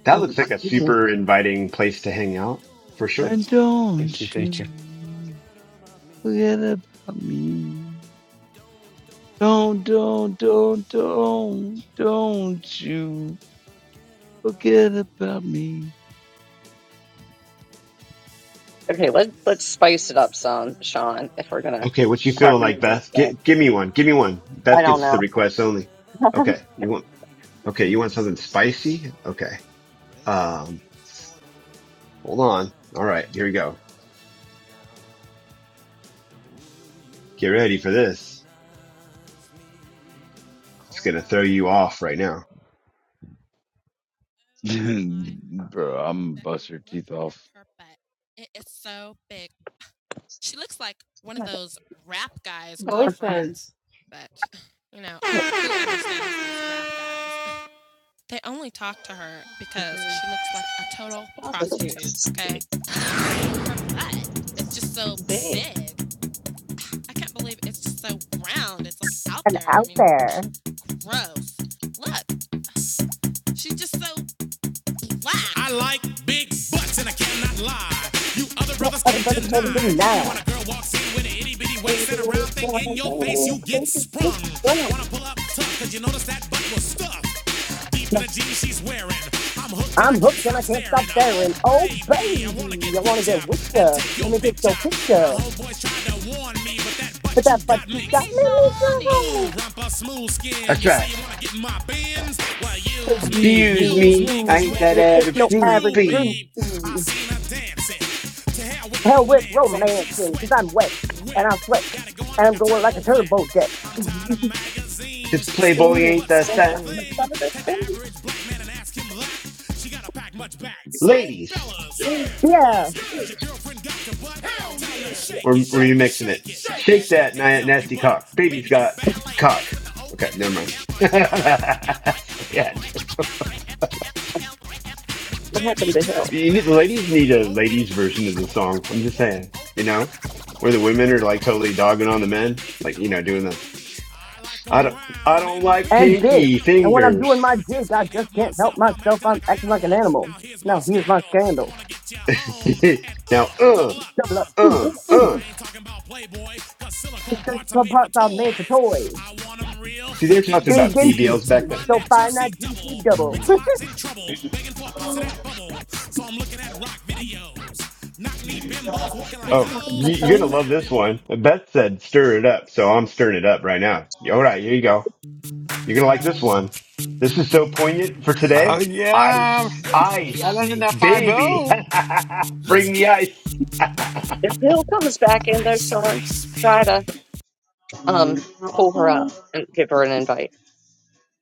That Oh looks my. like a mhm. super inviting place to hang out for sure. And Thank you. don't Thank you. you forget about me. Don't, don't, don't, don't, don't you forget about me. Okay, let's let's spice it up, some Sean, if we're gonna Okay, what you have feeling like, music. Beth? But Get, give me one. Give me one. I Beth don't gets the know. request only. Okay, you want? Okay, you want something spicy? Okay. Um, hold on. All right, here we go. Get ready for this. It's gonna throw you off right now. My Bro, God, I'm gonna Becky, bust your look teeth at off. her butt. It is so big. She looks like one of those rap guys' girlfriends. Girlfriends, But you know, they only talk to her because people, she looks like a total What prostitutes, prostitute. Okay, her butt. It's just so they. big. I can't believe it's just so round. It's like out and there. I out mean, there. gross. Look, she's just so black. I like big butts and I cannot lie. You other No brothers other can't brother deny can that deny. when a girl walks in with an itty bitty waist and a round thing in your face, you get sprung. Wanna pull up tough, cause you notice that butt was stuffed. Deep My in the jeans she's wearing. I'm hooked and I can't stop staring. Oh, honoring baby, I wanna get with job with and ya. take your Let me picture. go pick My ya. homeboys tried to warn me, but that But butt you that butt got you makes me got be so made me horny. Johnny. Ooh, rumpa smooth skin. That's You say right. you wanna get in my bins? Well, So use you, me, you, Abuse use me, me, I cause you, you ain't ain't that you it that ain't average no average average groupie. groupie. I groupie. seen her dancing. To hell with Hell with romance, and she's romancing, cause sweat, I'm wet and wet. I sweat Got it going and like I'm a going like turbo a vet. turbo jet. I'm tired of magazines. This Tits and playboy flat ain't butts the are the same. thing. Take the average black man and ask him that. She gotta pack much back. So, Ladies, fellas, yeah. Yeah, fellas, yeah. Has your girlfriend got your butt? Hell Tell yeah. her, shake or it, were you shake it, mixing it? shake it, shake it, Shake shake that that na- healthy nasty butt. cock. Baby's Baby got got ballet cock. feet with the Okay, open never mind. booty. yeah, Baby happened got to Hill? back. you need, the Ballet ladies feet with need the a open booty. ladies version of the song. I'm just saying, you know, where the women are like totally dogging on the Play men, big with like the you know, Oakland doing the booties. I like 'em I don't round I don't and like big. and big. And pinky when I'm And throwing when a I'm doing gig, fingers. my I jig, just I can't just help can't help myself. I'm myself. acting I'm like an acting like an animal. animal. Now here's my Now here's my scandal. I scandal. wanna get you home and now, uh, uh, double up, Double uh, up. Mm, uh, uh. mm. uh. I ain't talking about Playboy, cause silicone Because parts are club made for hearts are made for toys. toys. I want 'em real See, they are thick and talking Big about and juicy. BBLs So back juicy. then. find So that fine, juicy not juicy double. double. Mix a lot's in trouble, begging for a piece of that bubble. So I'm looking at rock videos. Not Oh, Happened to my you- you're gonna phone? love this one. Beth said stir it up, so I'm stirring it up right now. All right, here you go. You're gonna like this one. This is so poignant for Oh today. yeah, Ice, Yo, ice, right in VIP, that five baby, zero. let's bring the kick it. ice. If Hill comes back in there, Sean, try to um pull her up and give her an invite.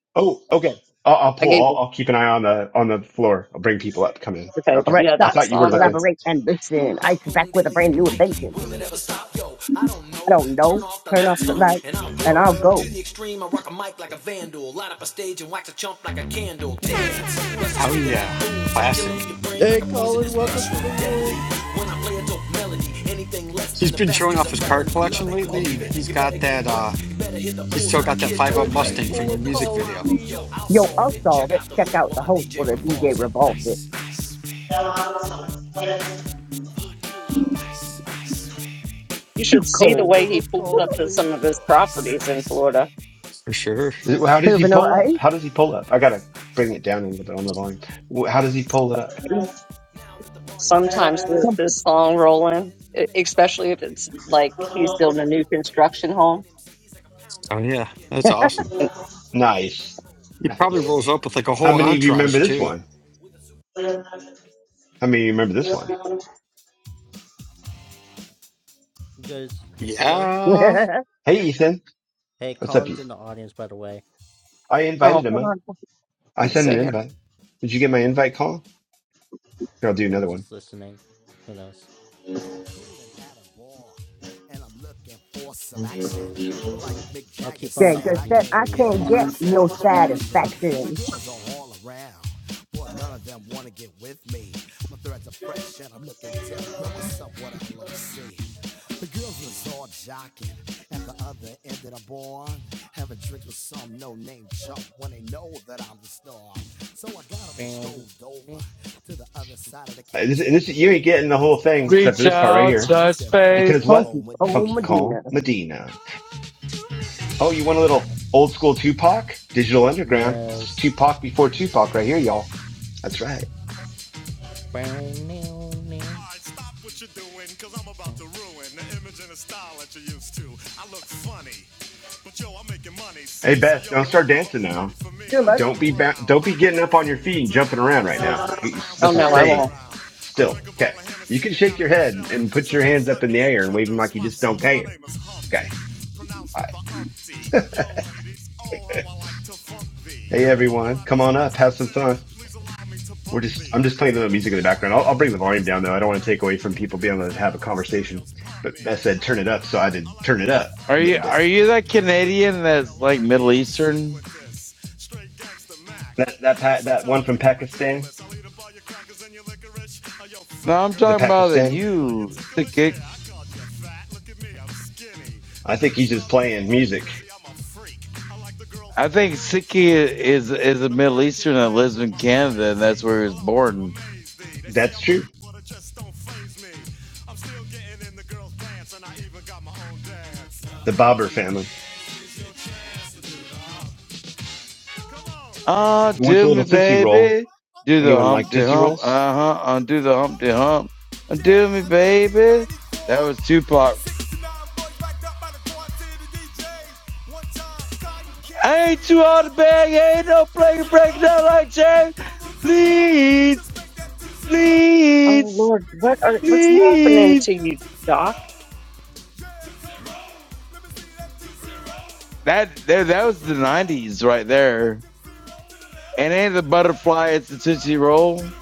oh, okay. I'll, I'll I gave pull. her I'll, I'll keep an eye on the on the floor. I'll bring people up. Come in. because All Okay. right, yeah, I stop, that thought you were song I looking. collaborate, and listen. Ice is back Harpoon with a daily brand and new nightly. invention. Will it ever stop? Yo, I don't I know. don't Turn off the turn off lights, the huh? light, And I'll and glow. I'll go. To the extreme, I rock a mic like a vandal. Light up a stage and wax a chump like a candle. was Dance. Plus the Oh speaker that yeah, booms. I'm classic. killing your brain Hey, like a Colin, poisonous welcome to mushroom. the Deadly. room. When I play a dope melody, anything less than He's the been best showing is off a his car felony. Love collection it or lately, leave and it. he's You better got gain that. uh weight. You better hit the He's still bullseye. The got that kid five zero don't Guys, can play. you Mustang And pull from the up if there was a music Colin, video problem, yo, please? I'll Yo, I'll solve it. solve Check it. out the Check hoop out while the my host for DJ the DJ revolves it. revolves it. Ice, ice, ice, ice. you Too should see the Guys, cold. way pull he up pulls Colin, up to some please. of his properties in Florida. for sure. How does he Silver no pull up? ice. How does he pull up? I gotta bring it down a little bit on the volume. Wh- How does he pull it up? Now that the party is sometimes jumping, with this with the song bass kicked in rolling, and the e- Vegas all especially if pumping. it's Quick to the like point, to he's the building a point, new no faking. construction Cooking home. MCs like a pound of Oh yeah, bacon. that's Burning them, awesome. And moving out quick and Nice, nimble. He I go probably crazy nice. rolls when up I with like hear a a How whole many of cymbal you and a remember entourage hi this too. one? hat with a super. I mean, you remember this one. Guys, hello? Yeah. Hey, Ethan. Hey, What's up, Colin's you? in the audience, by the way. I oh, invited him hold up. on. I I let's sent see an got here. you. invite. Did you get my invite call? Here, I'll do He another was one. just listening. Who knows? I'll keep on the Dang, good set. audience for I you can't guys. get no satisfaction. Uh, This, this, you ain't getting the whole thing except for this part right here. Because what? Funky Cole Funky call Medina. Medina. Oh, you want a little old school Tupac? Digital Underground. It's Yes. Tupac before Tupac right here, y'all. That's right. Hey Beth, don't start dancing now. Still let's Don't be ba- don't be getting up on your feet and jumping around right now. Get you, are Oh supposed to no, I stay won't. still. Okay. You can shake your head and put your hands up in the air and wave them like you just don't care. Okay. All right. Hey everyone, come on up, have some fun. We're just I'm just playing the music in the background. I'll, I'll bring the volume down though. I don't want to take away from people being able to have a conversation. But Beth said turn it up, so I did turn it up Are a you little are bit. you that Canadian that's like Middle Eastern? That that pa- that one from Pakistan, No, I'm the talking about that Pakistani. you, Sikh. I think he's just playing music. I think Sikh is is a Middle Eastern that lives in Canada and that's where he was born. That's true. the Bobber family. Ah, Who wants do a little me, tootsie roll? baby. Do the Anyone like Humpty tootsie Hump. uh-huh, rolls? Uh huh. Undo the Humpty Hump. Undo me, baby. That was Tupac. I ain't too hard to beg. Ain't no break breaking down like chain. Please, Oh please, Lord, what are what's happening please. to you, Doc? That there, that was the nineties right there. And ain't the butterfly? It's the tootsie roll.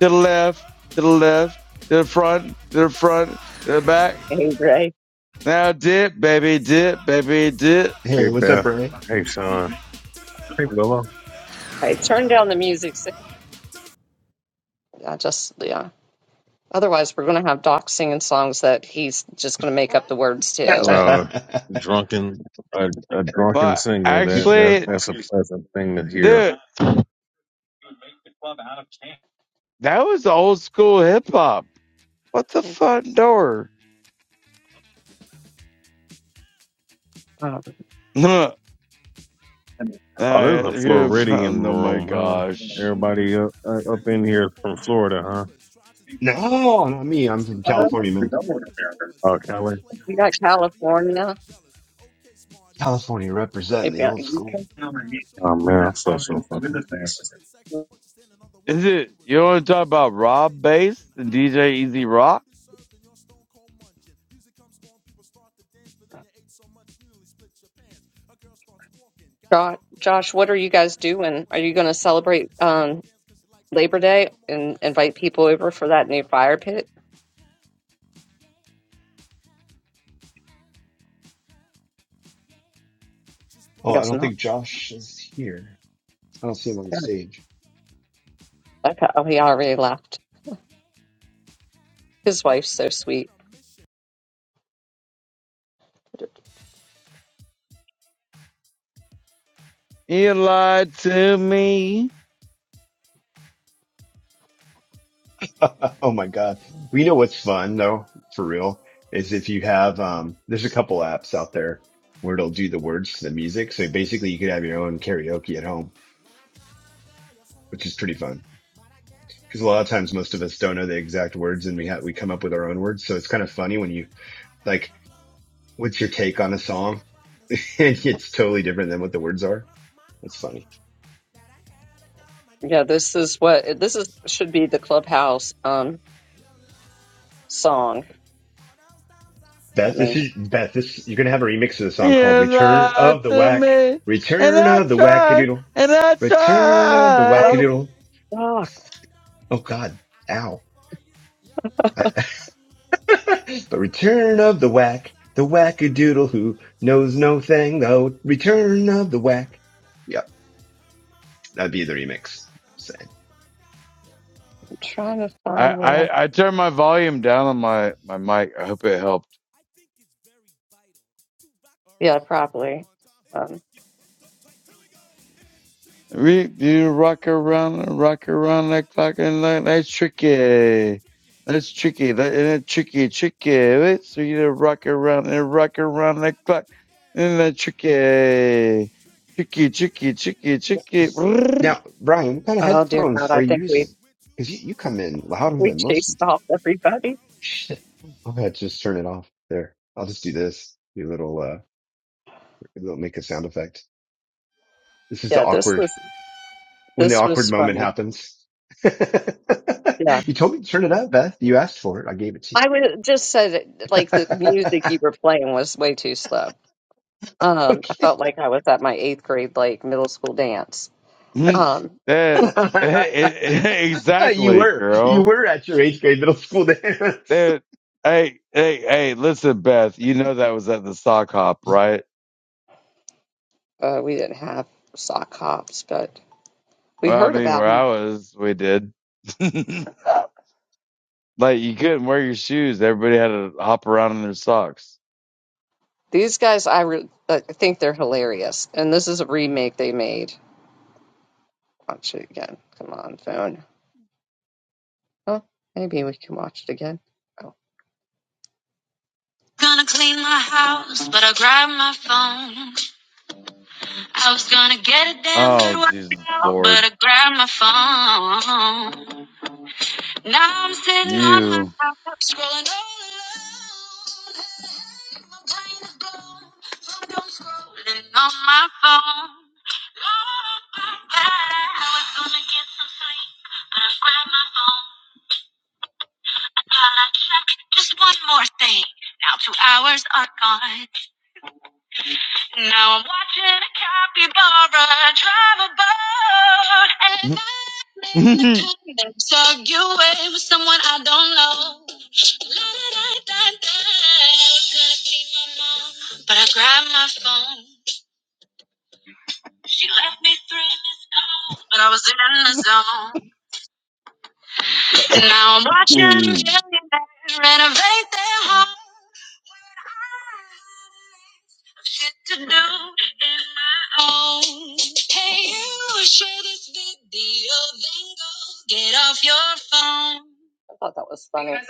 To the left, to the left, to the front, to the front, to the back. Hey Ray, Now dip, baby, dip, baby, dip. Hey Hey, what's up, Beth. Ray? Hey Sean. Hey Willow. hey, turn down the music. si- I just yeah. Otherwise, we're gonna have Doc singing songs that he's just gonna make up the words to. no, And Uh, drunken, a, a drunken But singer. That that actually, that's a pleasant thing to hear. dude, that was old school hip hop. What the front door? um, uh, Oh, this is a you Floridian found, oh my room, huh? gosh. Everybody up uh, up in here is from Florida, huh? not me. I'm from uh, California, man. Oh, Kelly. we got California, California representing maybe the uh, UK. old Jo- school. Oh man, I'm so so fucking. Is it, you want to talk about Rob Bass and DJ Easy Rock? Josh, Josh, what are you guys doing? Are you gonna celebrate? um, Labor Day and invite people over for that new fire pit? I Oh, I guess don't not. think Josh is here. I don't see him on the Yeah. stage. Okay. Oh, he already left. His wife's so sweet. You lied to me. oh my God. We know what's fun though, for real, is if you have, um, there's a couple apps out there where it'll do the words to the music. So basically you could have your own karaoke at home, which is pretty fun. because a lot of times most of us don't know the exact words and we have we come up with our own words so it's kind of funny when you like what's your take on a song and it's totally different than what the words are that's funny Yeah, this is what this is should be the clubhouse um song. I beth this mean, is beth this you're gonna have a remix of the song called You return lied of the to whack me. And return I of the tried. wackadoodle And I return of the oh, tried. wackadoodle fuck. oh god ow I- but return of the whack the wackadoodle who knows no thing though return of the whack yep that'd be the remix I'm trying to I, find where I. I, I turned my volume down on This my, speech my is my mic. I hope it recital. helped. I think it's very vital to rock Yeah, around. That's right. probably. On time. It's Um. tricky. so Here we go. It's tricky to Reap, rock you around. To rock rock around. around, That's rock right. On around that clock, and like, that's tricky. That's tricky. That and that tricky, tricky. Right? So you to rock around and rock right, around that clock, and that's tricky, tricky, tricky, tricky, tricky. That's- Now, Brian, what kind of Oh dear God, headphones are I you think using? we Because you, you come in louder we than most chased people. off everybody. Shit. I'll have to just turn it off. There. I'll just do this. Do a little, uh, it'll make a sound effect. This is the Yeah, this awkward, was when the this was awkward moment funny. happens. Yeah, you told me to turn it up, Beth. You asked for it. I gave it to I would just said it, like you. the music you were playing was way too slow. Um, I okay. felt like I was at my eighth grade, like middle school dance. Mm. Um, that you exactly, were, you girl. were at your eighth grade middle school dance. That hey, hey, hey. Listen, Beth. You know that was at the sock hop, right? uh, we didn't have sock hops, but we Well, I heard mean, about where 'em. I was, we did. Like you couldn't wear your shoes. Everybody had to hop around in their socks. These guys, I, re I think they're hilarious. And this is a remake they made. Watch it again. Come on, phone. Oh, maybe we can watch it again. Oh. Gonna clean my house, but I grabbed my phone. I was gonna get a damn good Oh Jesus workout, but Lord, I grabbed my phone. Now I'm sitting on my you! couch, scrolling all alone. Hey, My brain is blown from doom scrolling on my phone. Lord, I was gonna get some sleep, but I grabbed my phone. I thought I'd check just one more thing. Now two hours are gone. Now I'm watching a capybara drive a boat, and I'm in the I comments arguing with someone I don't know. La-da-da-da-da. I was gonna see my mom, but I grabbed my phone. She left me three missed calls, but I was in the zone. And now I'm watching a millionaire renovate their home. shit to do in my own. Hey, you share this video, then go get off your phone. I thought that was funny. Because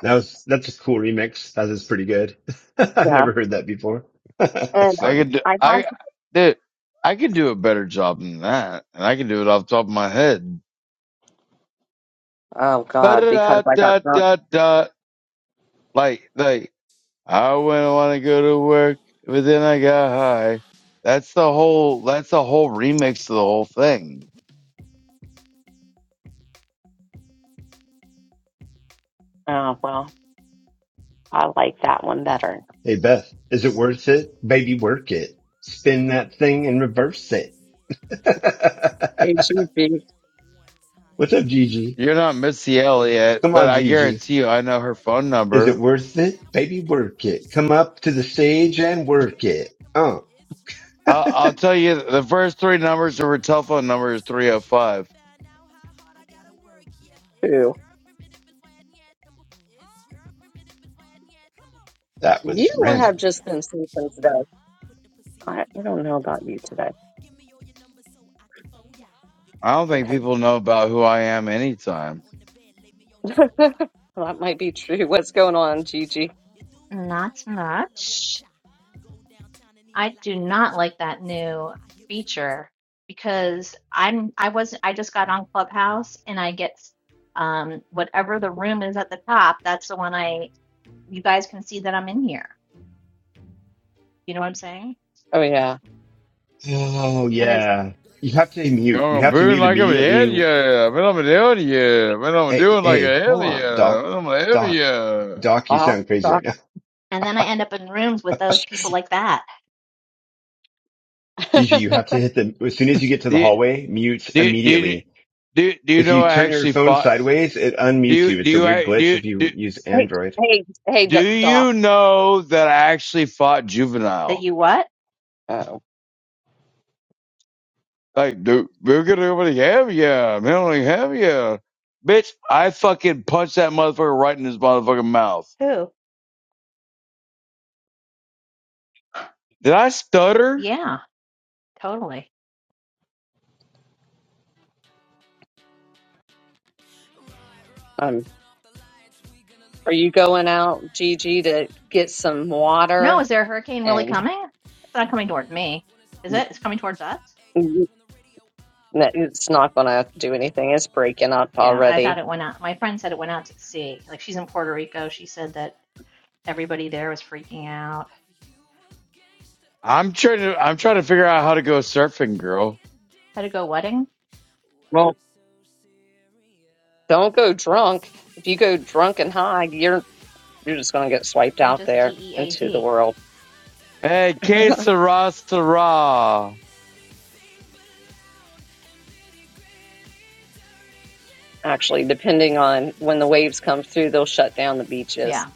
That was that's a cool remix. That is pretty good. I- I've Yeah, never heard that before. and that's funny. could do, I had. I did I could do a better job than that, and I can do it off the top of my head. Oh da God, because I got da drunk. da da. Like like I wouldn't want to go to work, but then I got high. That's the whole. That's the whole remix of the whole thing. Oh, Hey Beth, is it worth it? Baby, work it. Spin that thing and reverse it. HEB What's up, Gigi? You're not Missy Elliott, Come but on, I Gigi. guarantee you, I know her phone Is number it worth it? Baby, work it. Come up to the stage and work it. Oh, I'll, I'll tell you the first three numbers of her telephone number is 305. too. that You was have random. just been sleeping today. I, I don't know about you today. I don't think Okay, people know about who I am anytime. well, that might be true. What's going on, Gigi? Not so much. I do not like that new feature because I'm I was I just got on Clubhouse and I get um whatever the room is at the top, that's the one I you guys can see that I'm in here. You know what I'm saying? Oh yeah. Oh And is yeah. You have to mute. You Going have to boon mute like I'm an immediately. idiot. Man, I'm an idiot. Man, I'm Hey, doing like hey, a hold idiot. on, Doc. Man, I'm an Doc. idiot. Doc, you Oh, sound crazy right Doc. now. and then I end up in rooms with those Jeez. people like that. Gigi, you have to hit the, as soon as you get to the Do, hallway, mute do, do, immediately. do, do you If know you I turn your actually phone fought? sideways, it Do unmutes you, you. do It's a weird you, glitch do, if you do, use hey, Android. hey, hey, do Do- Doc. you know that I actually fought That juvenile? you what? Oh, Like, dude, we're gonna really have ya. Man, I'm going have ya. Bitch, I fucking punched that motherfucker right in his motherfucking mouth. Who? Did I stutter? Yeah, totally. I'm. Are you going out, Gigi, to get some No, water? is there a hurricane really And coming? It's not coming towards me. Is it? It's coming towards us? no, it's not going to do anything. It's breaking up Yeah, I thought already. it went out. My friend said it went out to sea. Like she's in Puerto Rico. She said that everybody there was freaking out. I'm trying to, I'm trying to figure out how to go surfing, girl. How to go wedding? Well, don't go drunk. If you go drunk and high, you're you're just going to get swiped You're out just there into the DEAD. world. Hey, que sera, sera. Actually, depending on when the waves come through, they'll shut down the beaches. Yeah.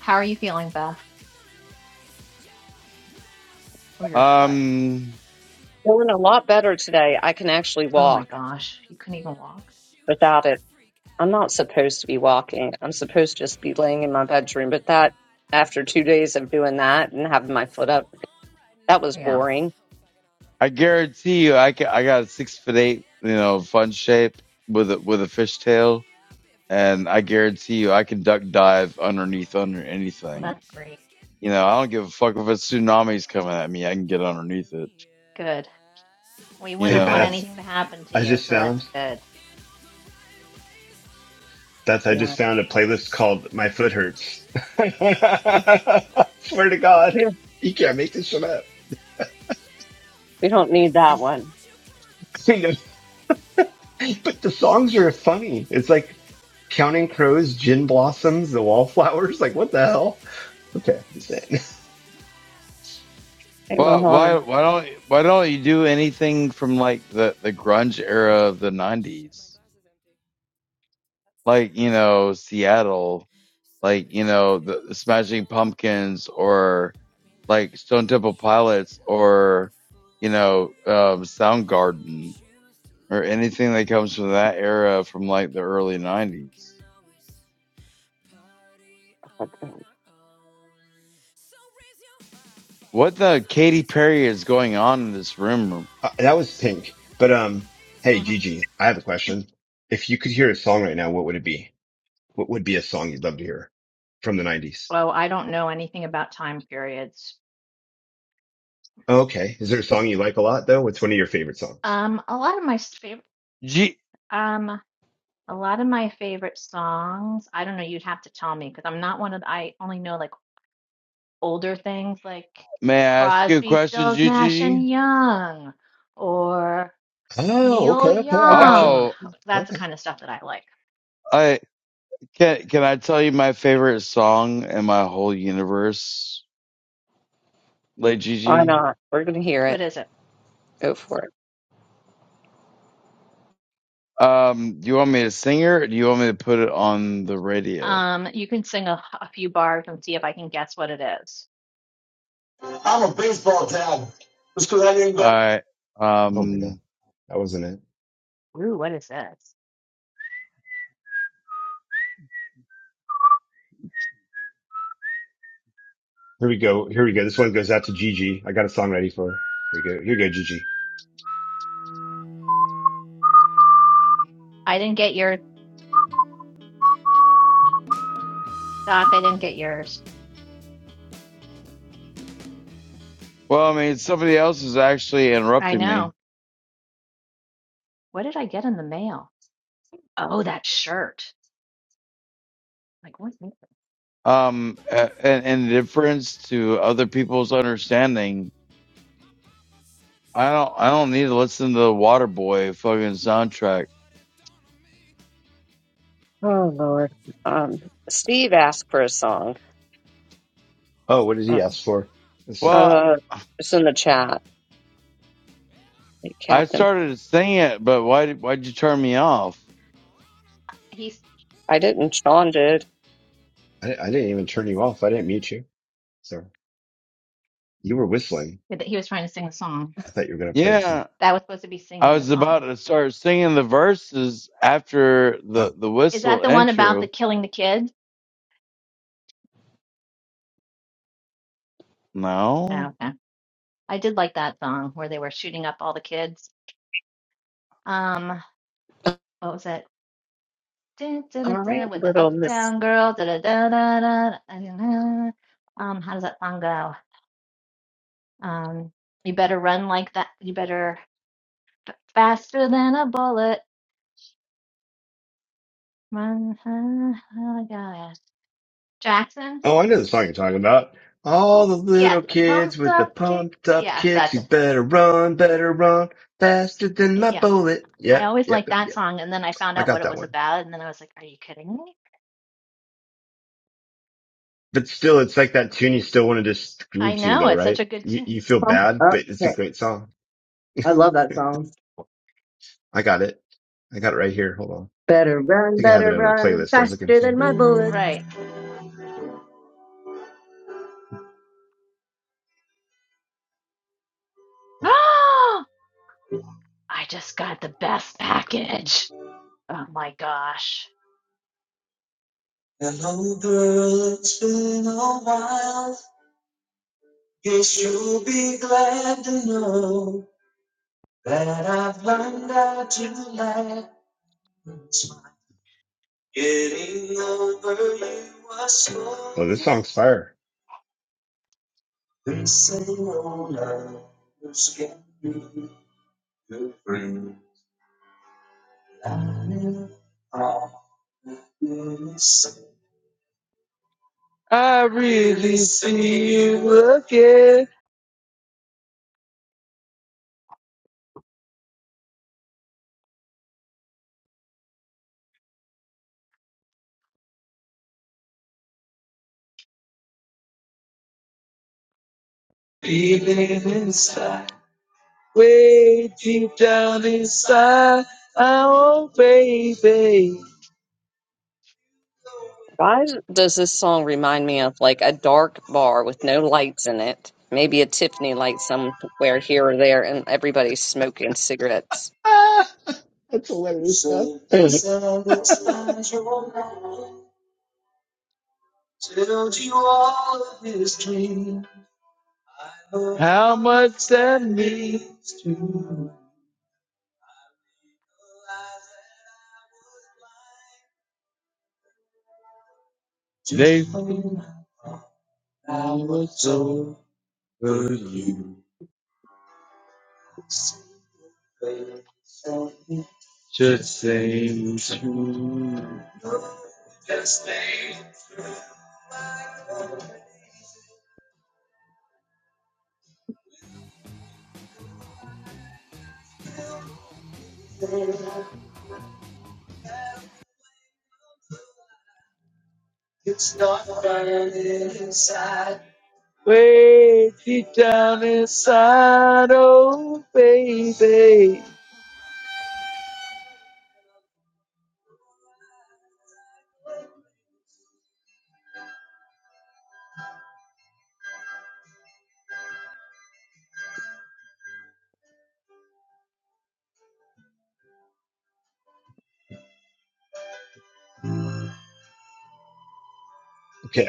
How are you feeling, Beth? Or your foot? Um, Doing a lot better today. I can actually Oh my walk gosh, you couldn't even walk. without it. I'm not supposed to be walking. I'm supposed to just be laying in my bedroom. But that, after two days of doing that and having my foot up, that was Yeah. boring. I guarantee you, I can, I got a six foot eight, you know, fun shape with a, with a fishtail. And I guarantee you, I can duck dive underneath under Well, anything. that's great. You know, I don't give a fuck if a tsunami's coming at me. I can get underneath it. Good. We you Hey wouldn't want know Beth, anything to happen to I you, just so that's found, good. Beth, I Yeah. just found a playlist called My Foot Hurts. Swear to God, We you can't make this shit up. we don't need that one. But the songs are funny. It's like Counting Crows, Gin Blossoms, The Wallflowers. Like what the hell? Okay, I'm just saying. Hey, well why Mohammed, why don't why don't you do anything from like the the grunge era of the 90s like you know seattle like you know the, the smashing pumpkins or like stone temple pilots or you know um soundgarden or anything that comes from that era from like the early 90s what the Katy Perry is going on in this room? Uh, that was pink. But um, hey hmm Gigi, I have a question. If you could hear a song right now, what would it be? What would be a song you'd love to hear from the '90s? Well, I don't know anything about time periods. Oh, okay. Is there a song you like a lot though? What's one of your favorite songs? Um, a lot of my favorite, G- um, a lot of my favorite songs. I don't know. You'd have to tell me because I'm not one of. The, I only know like older things like May I ask you a Crosby, question, Stills, Nash Gigi? and Young or Oh, okay, Neil okay. I got you. Young. Oh, That's the Okay. kind of stuff that I like. I. Can Can I tell you my favorite song in my whole universe, Late why Gigi? not? We're going to hear What it. is it? Go for it. Um, do you want me to sing it, or do you want me to put it on the radio? Um, you can sing a, a few bars and see if I can guess what it is. All right. Oh my god, Um, that wasn't it. Ooh, what is this? Here we go. Here we go. This one goes out to Gigi. I got a song ready for her. Here we go. Here you go, Gigi. I didn't get yours. Doc. I didn't get yours. well, I mean, somebody else is actually I interrupting me. know. What did I get in the mail? Oh, that shirt. Like what? Um, a- and in difference to other people's understanding, I don't, I don't need to listen to the Waterboy fucking soundtrack. Oh, Lord. Um, Steve asked for a song. Oh, what did he ask for? Let's see. Well, Uh, it's in the chat. Hey, I Captain. started to sing it, but why, did- why'd you turn me off? He's I didn't. Sean did. I, I didn't even turn you off. I didn't mute you. Sorry. You were whistling. he was trying to sing a song. I thought you were gonna play a Yeah. song. That was supposed to be I singing the was about song. to start singing the verses after the the Is that whistle the one about the intro. killing the kids? No, Okay. I did like that song where they were shooting up all the kids. Um, what was it? Dun, dun, All dun, right, dun, with the little Miss uptown girl. Da, da, da, da, da, da, da, da. Um, how does that song go? Um, you better run like that. You better f- faster than a bullet. Run. huh, Oh my gosh. Jackson? Oh, I know the song you're talking about. All the little Yes. kids Pumped with the up pumped kicks. up Yes, kicks. that's You it. better run, better run, faster than my Yes. bullet. I Yep, always yep, liked yep, that yep. song. And then I found I out what got it that was one. about. And then I was like, are you kidding me? But still, it's like that tune you still want to just I groove to know. though, It's such a right? good You, tune. you feel pump bad, up. but it's a Okay. great song. I love that song. I got it. I got it right here. Hold on. I Better run, think I have it better in a run, playlist I was looking faster than for. my bullets. Right. I just got the best package. Oh my gosh. Oh, this song's fire. I re- Why does this song remind me of like a dark bar with no lights in it? Maybe a Tiffany light somewhere here or there, and everybody's smoking cigarettes. That's hilarious stuff. okay. how much that means to they. to-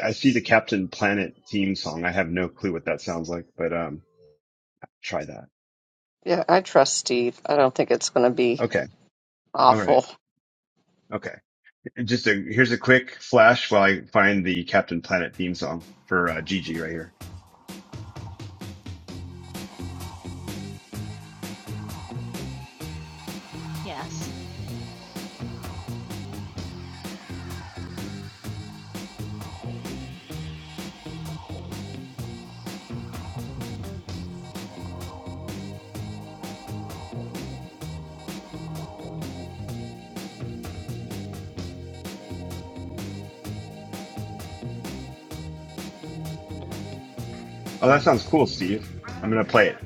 I see the Captain Planet theme song. I have no clue what that sounds like, but, um, try that. Yeah, I trust Steve. I don't think it's going to be Okay. All right. awful. Okay. Just a here's a quick flash while I find the Captain Planet theme song for uh, Gigi right here. Yes. Oh, that sounds cool, Steve. I'm gonna play it.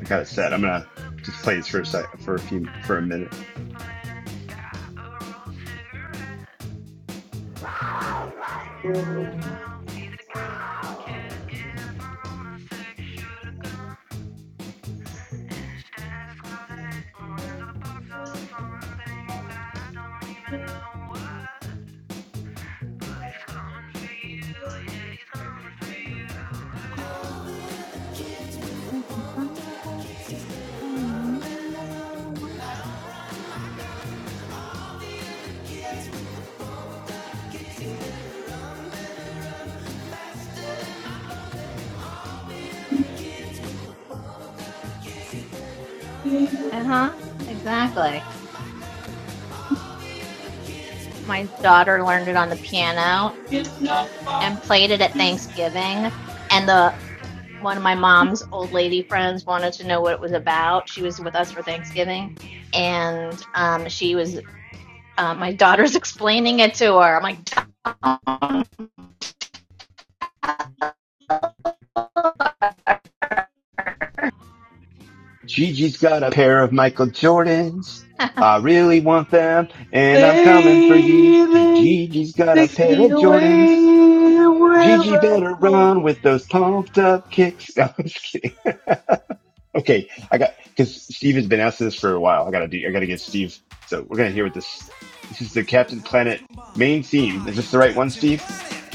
I got it set. I'm gonna just play this for a sec, for a few for a minute. Uh-huh. Exactly. My daughter learned it on the piano and played it at Thanksgiving. And the one of my mom's old lady friends wanted to know what it was about. She was with us for Thanksgiving, and um, she was uh, my daughter's explaining it to her. I'm like, don't Gigi's got a pair of Michael Jordans. I really want them, and I'm coming for you. Gigi's got a pair of Jordans. Gigi better run with those pumped up kicks. No, I'm just kidding. Okay, I got because Steve has been asking this for a while. I gotta do. I gotta get Steve. So we're gonna hear what this. This is the With your Captain pals Planet combined, main theme. I Is this am the right one, Captain Steve? Planet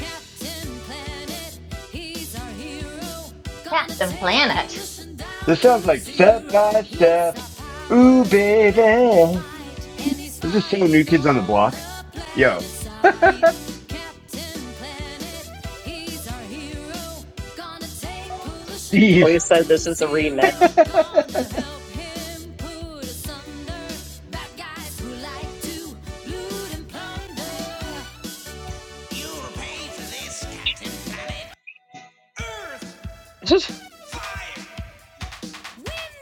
Captain Planet. This sounds like step by step. Ooh, baby. Is this is so New Kids on the Block? Yo, Well, you Steve. said this is a remix. is Earth Fire.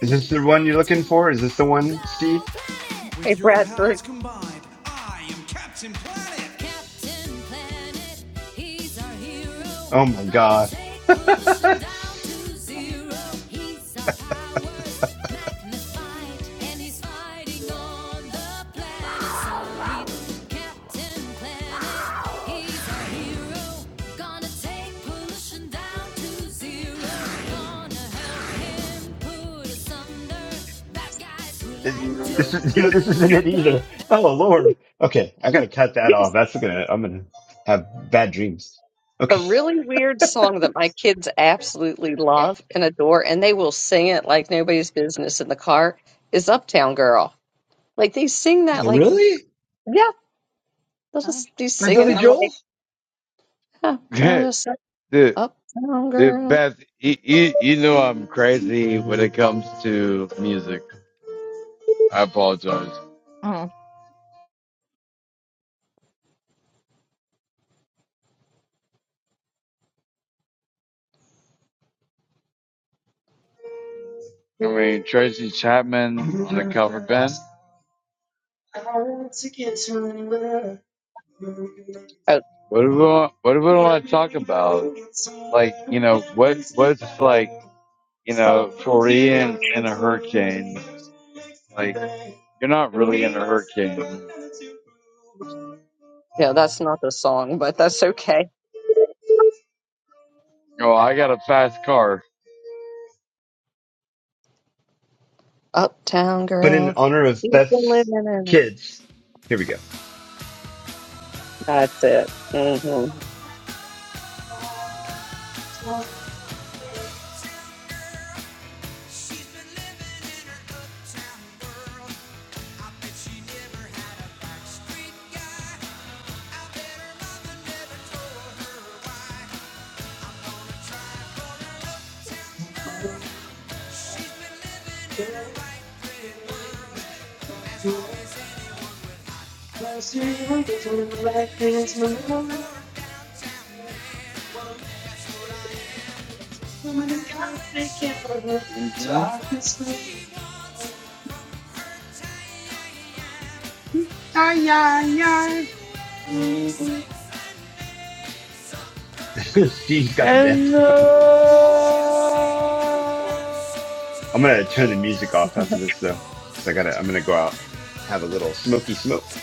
this the one you're looking for? Is this the one, Steve? hey, With your Bradford. pals combined. Oh my God. This, this is this isn't it either. Oh Lord. Okay, I gotta cut that off. That's gonna I'm gonna have bad dreams. a Okay. really weird song that my kids absolutely love and adore, and they will sing it like nobody's business in the car is Uptown Girl. Like they sing that, Oh, like, really? yeah, they'll Oh, just be By Billy singing. I'm like. Joel? Huh, There's a song, Dude, Uptown dude, Girl. Beth, you, you you know I'm crazy when it comes to music. I apologize. Mm, I mean Tracy Chapman on the cover band. Oh, What do we want, what do we want to talk about? Like you know what what's like you know, Florian in a hurricane. Like, you're not really in a hurricane. yeah, that's not the song, but that's okay. Oh, I got a fast car. Uptown But in Girl. honor of You've been Beth's living in a- kids. Here we go. That's it. hmm She's looking for a dash. She, Mhm. wants Diane Ay when ay she wakes up and makes up her ay. mind. Steve's got the And dance. uh, I'm gonna turn the music off Oh, after this though, because I gotta I'm gonna go out have a little smoky smoke.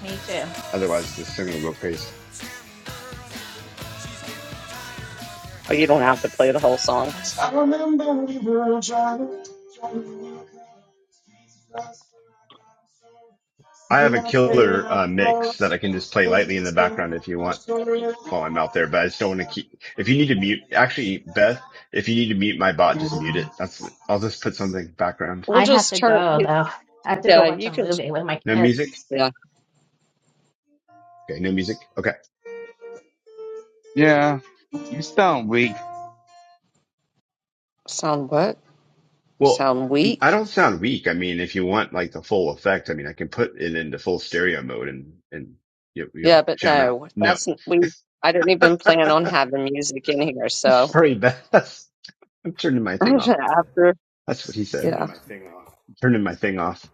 me too. Otherwise, this thing will go crazy. You don't have to play the whole That's song. something. I have a killer uh, mix that I can just play lightly in the background if you want. while I'm out there, but I just don't want to keep. If you need to mute, actually, Beth, if you need to mute my bot, just mute it. That's. I'll just put something background. We'll I have just to turn. go though. I have to go Yeah, watch a you can. movie with my No kids. music. Yeah. Okay, no music. Okay. yeah, you sound weak. Sound what? Well, Sound I weak? don't sound weak. I mean, if you want like the full effect, I mean, I can put it into full stereo mode and and you, you'll Yeah, but jam out. no, No, that's we. I didn't even plan on having music in here. So sorry, Beth. That's, I'm turning my thing off. after, That's what he said. yeah, Turning my thing off.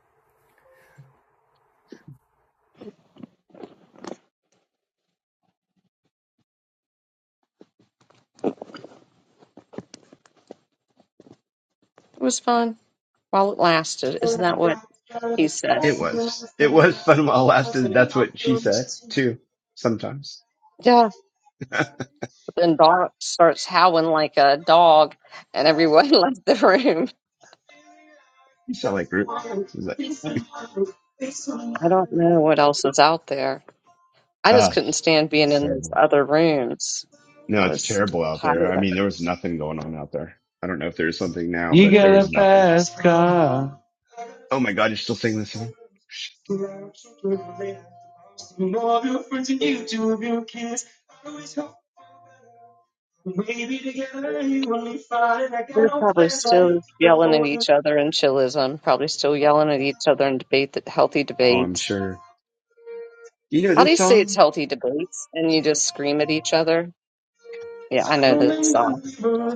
it was fun while it lasted. Isn't that what he said? It was. It was fun while it lasted. That's what she said too. Sometimes Yeah. Then Dot starts howling like a dog, and everyone left the room. you sound like Groot. It was like. I don't know what else is out there. I ah. just couldn't stand being It's in those terrible. other rooms. No, I it's was terrible out tired. there. I of it. mean, there was nothing going on out there. I don't know if there's something now, You but there got a was nothing. fast car. Oh my God, you're still singing this song? They're probably still yelling at each other in chillism, probably still yelling at each other in debate that healthy Oh, I'm debates. sure. You know How do this you say it's song? healthy debates and you just scream at each other? Yeah, I know that's uh,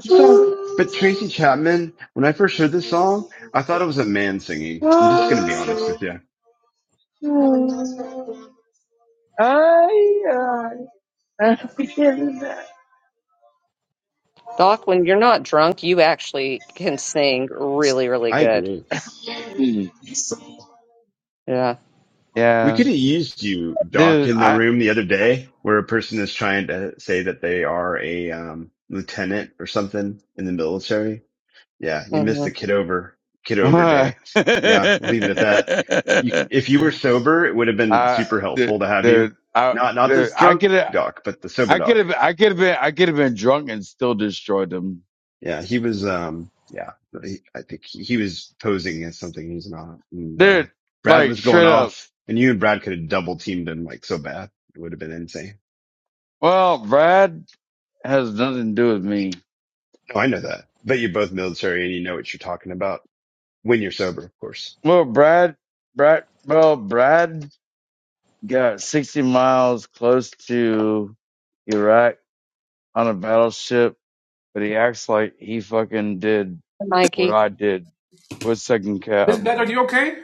This song, but Tracy Chapman, when I first heard this song, I thought it was a man singing. I'm just going to be honest with you. Doc. When you're not drunk, you actually can sing really, really I good. agree. Mm. Yeah. We Yeah, could have used you, Doc, dude, in the I. room the other day where a person is trying to say that they are a um, lieutenant or something in the military Yeah, you missed hmm the kid over kid over I, day. Yeah, we'll leave it at that. You, if you were sober, it would have been super helpful dude, to have you. dude, I, Not not this dude, I drunk get it. doc, but the sober I could doc. have, I could have been, I could have been drunk and still destroyed them, Yeah, he was. Um, yeah, he, I think he, he was posing as something he's not. And uh, dude. Brad Like was going straight up. off, and you and Brad could have double teamed him like so bad. It would have been insane. Well, Brad has nothing to do with me. No, I know that. But you're both military, and you know what you're talking about when you're sober, of course. Well, Brad, Brad, well, Brad got sixty miles close to Iraq on a battleship, but he acts like he fucking did Mikey. what I did with second This cav. better. You okay?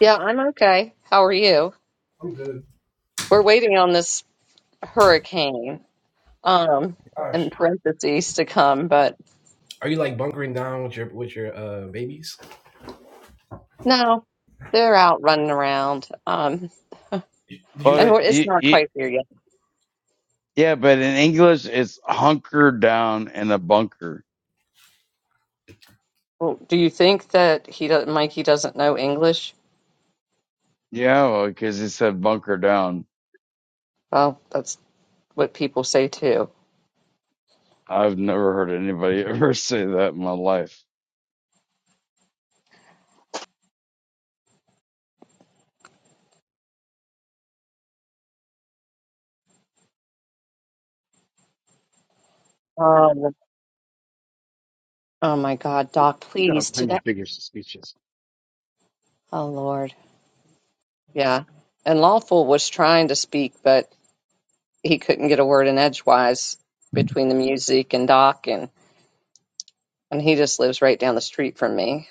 Yeah, I'm okay. How are you? I'm good. We're waiting on this hurricane, um, Gosh, in parentheses to come, but Are you like bunkering down with your with your uh babies? no, they're out running around. Um, did you and Well, like we're- it's he, not he, quite there yet. yeah, but in English it's hunker down in a bunker. Well, do you think that he does, Mikey doesn't know English? Yeah, well, because he said bunker down. Well, that's what people say too. I've never heard anybody ever say that in my life. Um, oh my God, Doc, We've got all please kinds today. of bigger suspicions. Oh Lord. Yeah. And Lawful was trying to speak, but he couldn't get a word in edgewise between the music and Doc and he just lives right down the street from me.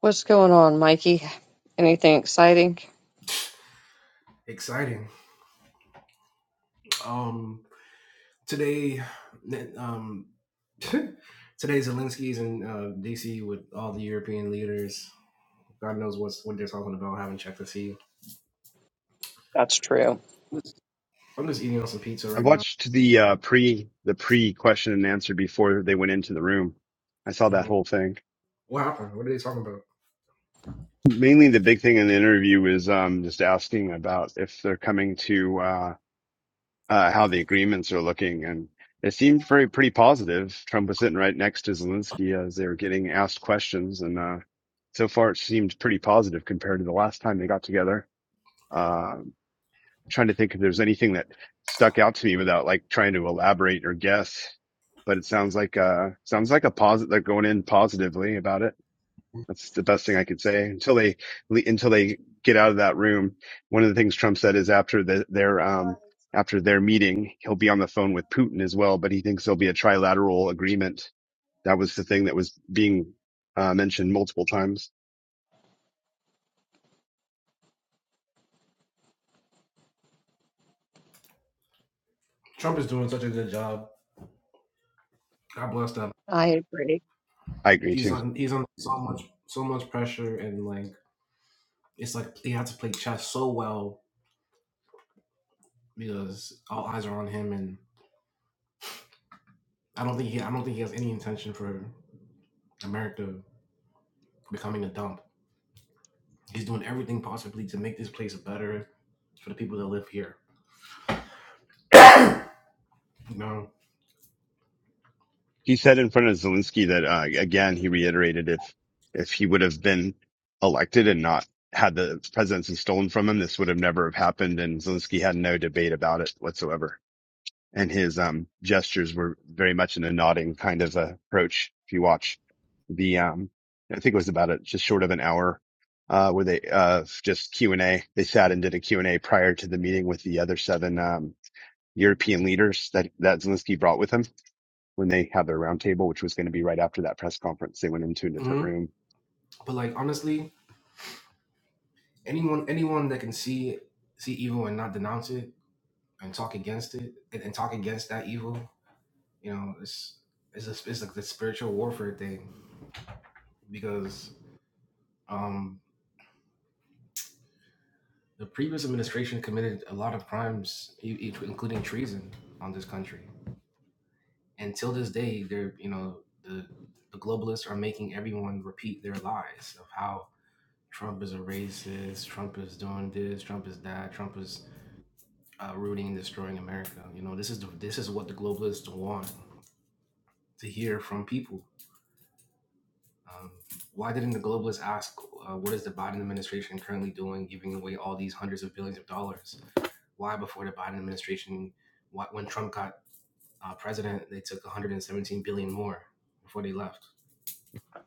What's going on, Mikey? Anything exciting? exciting? Um, today, um, today Zelensky's in uh, DC with all the European leaders. God knows what's what they're talking about. I haven't checked to see. That's true. I'm just, I'm just eating on some pizza I right now. watched the uh, pre the pre question and answer before they went into the room. I saw that Mhm. whole thing. What happened? What are they talking about? Mainly, the big thing in the interview is um, just asking about if they're coming to uh, uh, how the agreements are looking, and it seemed very pretty positive. Trump was sitting right next to Zelensky as they were getting asked questions, and uh, so far it seemed pretty positive compared to the last time they got together. Uh, trying to think if there's anything that stuck out to me without like trying to elaborate or guess. But it sounds like uh sounds like a positive they're going in positively about it. That's the best thing I could say until they until they get out of that room. One of the things Trump said is after the, their um after their meeting, he'll be on the phone with Putin as well. But he thinks there'll be a trilateral agreement. That was the thing that was being uh, mentioned multiple times. Trump is doing such a good job. God bless them. I agree. I agree He's too. on. He's on so much so much pressure and like it's like he had to play chess so well because all eyes are on him, and I don't think he I don't think he has any intention for America becoming a dump. He's doing everything possibly to make this place better for the people that live here. you know, he said in front of Zelensky that uh, again he reiterated if if he would have been elected and not had the presidency stolen from him, this would have never have happened. And Zelensky had no debate about it whatsoever. And his um, gestures were very much in a nodding kind of uh, approach. If you watch the, um, I think it was about a, just short of an hour, uh, where they uh, just Q and A. They sat and did a Q and A prior to the meeting with the other seven um, European leaders that that Zelensky brought with him when they had their roundtable, which was going to be right after that press conference. They went into a different hmm room. but like honestly, anyone anyone that can see see evil and not denounce it and talk against it and, and talk against that evil, you know, it's it's a, it's like the spiritual warfare thing because um the previous administration committed a lot of crimes, e- e- including treason, on this country. and till this day they're you know the the globalists are making everyone repeat their lies of how trump is a racist trump is doing this trump is that trump is uh, rooting and destroying america you know this is the, this is what the globalists want to hear from people um, why didn't the globalists ask uh, what is the biden administration currently doing giving away all these hundreds of billions of dollars why before the biden administration why, when trump got uh, president they took 117 billion more before they left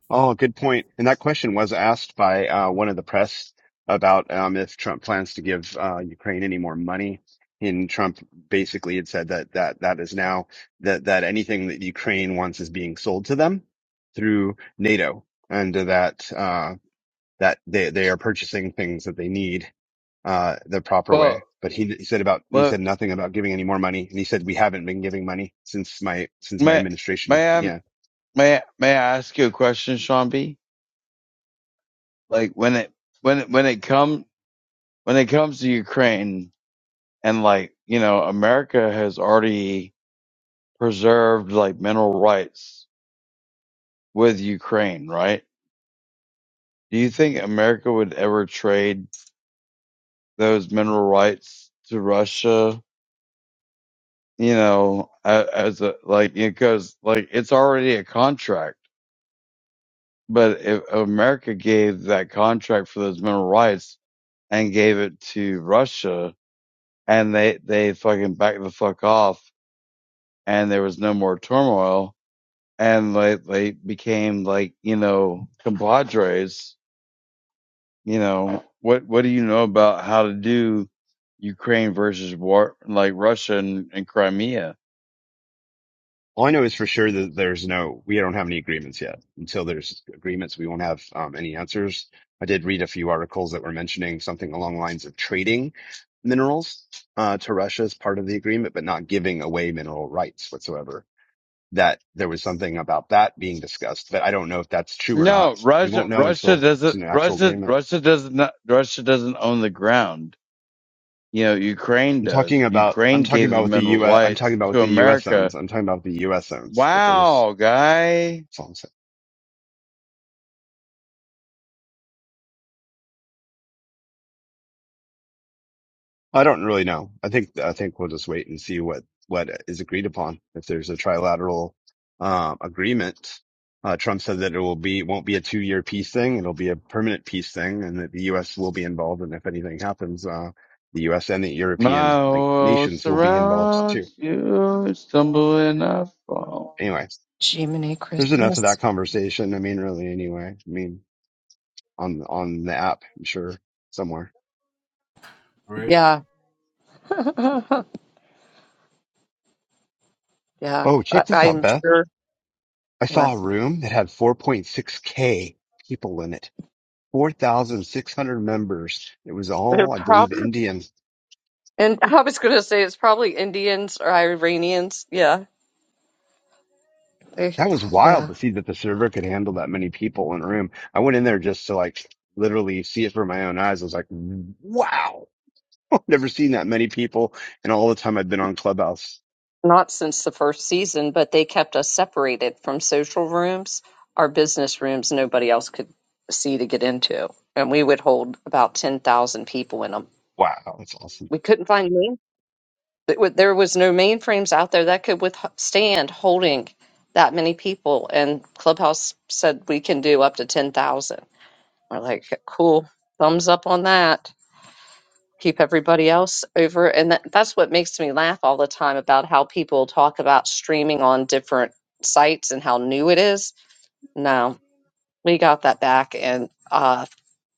Oh, good point. And that question was asked by uh, one of the press about um, if Trump plans to give uh, Ukraine any more money. And Trump basically had said that that that is now that that anything that Ukraine wants is being sold to them through NATO, and that uh, that they they are purchasing things that they need uh, the proper way. Well, But he, he said about, he said but nothing about giving any more money. And he said, we haven't been giving money since my, since my may administration may I began. may I- may I ask you a question, Sean B? Like when it when it, when it come when it comes to Ukraine and like you know America has already preserved like mineral rights with Ukraine, right? Do you think America would ever trade those mineral rights to Russia? You know, a- as a like because like it's already a contract But if America gave that contract for those mineral rights and gave it to Russia and they, they fucking backed the fuck off and there was no more turmoil and they, they became like, you know, compadres, you know, what, what do you know about how to do Ukraine versus war, like Russia and, and Crimea? All I know is for sure that there's no, we don't have any agreements yet. Until there's agreements, we won't have um, any answers. I did read a few articles that were mentioning something along the lines of trading minerals uh, to Russia as part of the agreement, but not giving away mineral rights whatsoever. That there was something about that being discussed, but I don't know if that's true or not. No, We Russia, won't know Russia until it's doesn't, an actual Russia, agreement. Russia doesn't, Russia doesn't own the ground You know, Ukraine I'm does. talking about I'm Ukraine talking gave the about with the mineral US am talking rights about with to the U.S. America. USMs. I'm talking about the U.S. USMs that there was Wow, guy. that's all I'm saying. I don't really know. I think I think we'll just wait and see what what is agreed upon. If there's a trilateral um agreement, uh, Trump said that it will be won't be a two year peace thing. It'll be a permanent peace thing, and that the U.S. will be involved. And if anything happens, uh, the U.S. and the European My like world nations will be involved too. surrounds you, stumble and I fall. Anyway, Jiminy there's enough of Christmas. that conversation. I mean, really, anyway. I mean. on on the app, I'm sure somewhere. right Yeah. yeah. Oh, I, check this out, I'm Beth. sure. I What? saw a room that had 4.6k people in it, 4,600 members. It was They're all, I believe, probably, Indian. and I was going to say it's probably Indians or Iranians. Yeah. They, That was wild yeah. to see that the server could handle that many people in a room. I went in there just to like literally see it for my own eyes. I was like, wow, I've never seen that many people in all the time I've been on Clubhouse. Not since the first season, but they kept us separated from social rooms, our business rooms, nobody else could see to get into. And we would hold about 10,000 people in them. Wow, that's awesome. We couldn't find main. it wa- There was no mainframes out there that could withstand holding that many people. And Clubhouse said we can do up to ten thousand. We're like, cool, thumbs up on that. Keep everybody else over, and that, that's what makes me laugh all the time about how people talk about streaming on different sites and how new it is. No, we got that back, and uh,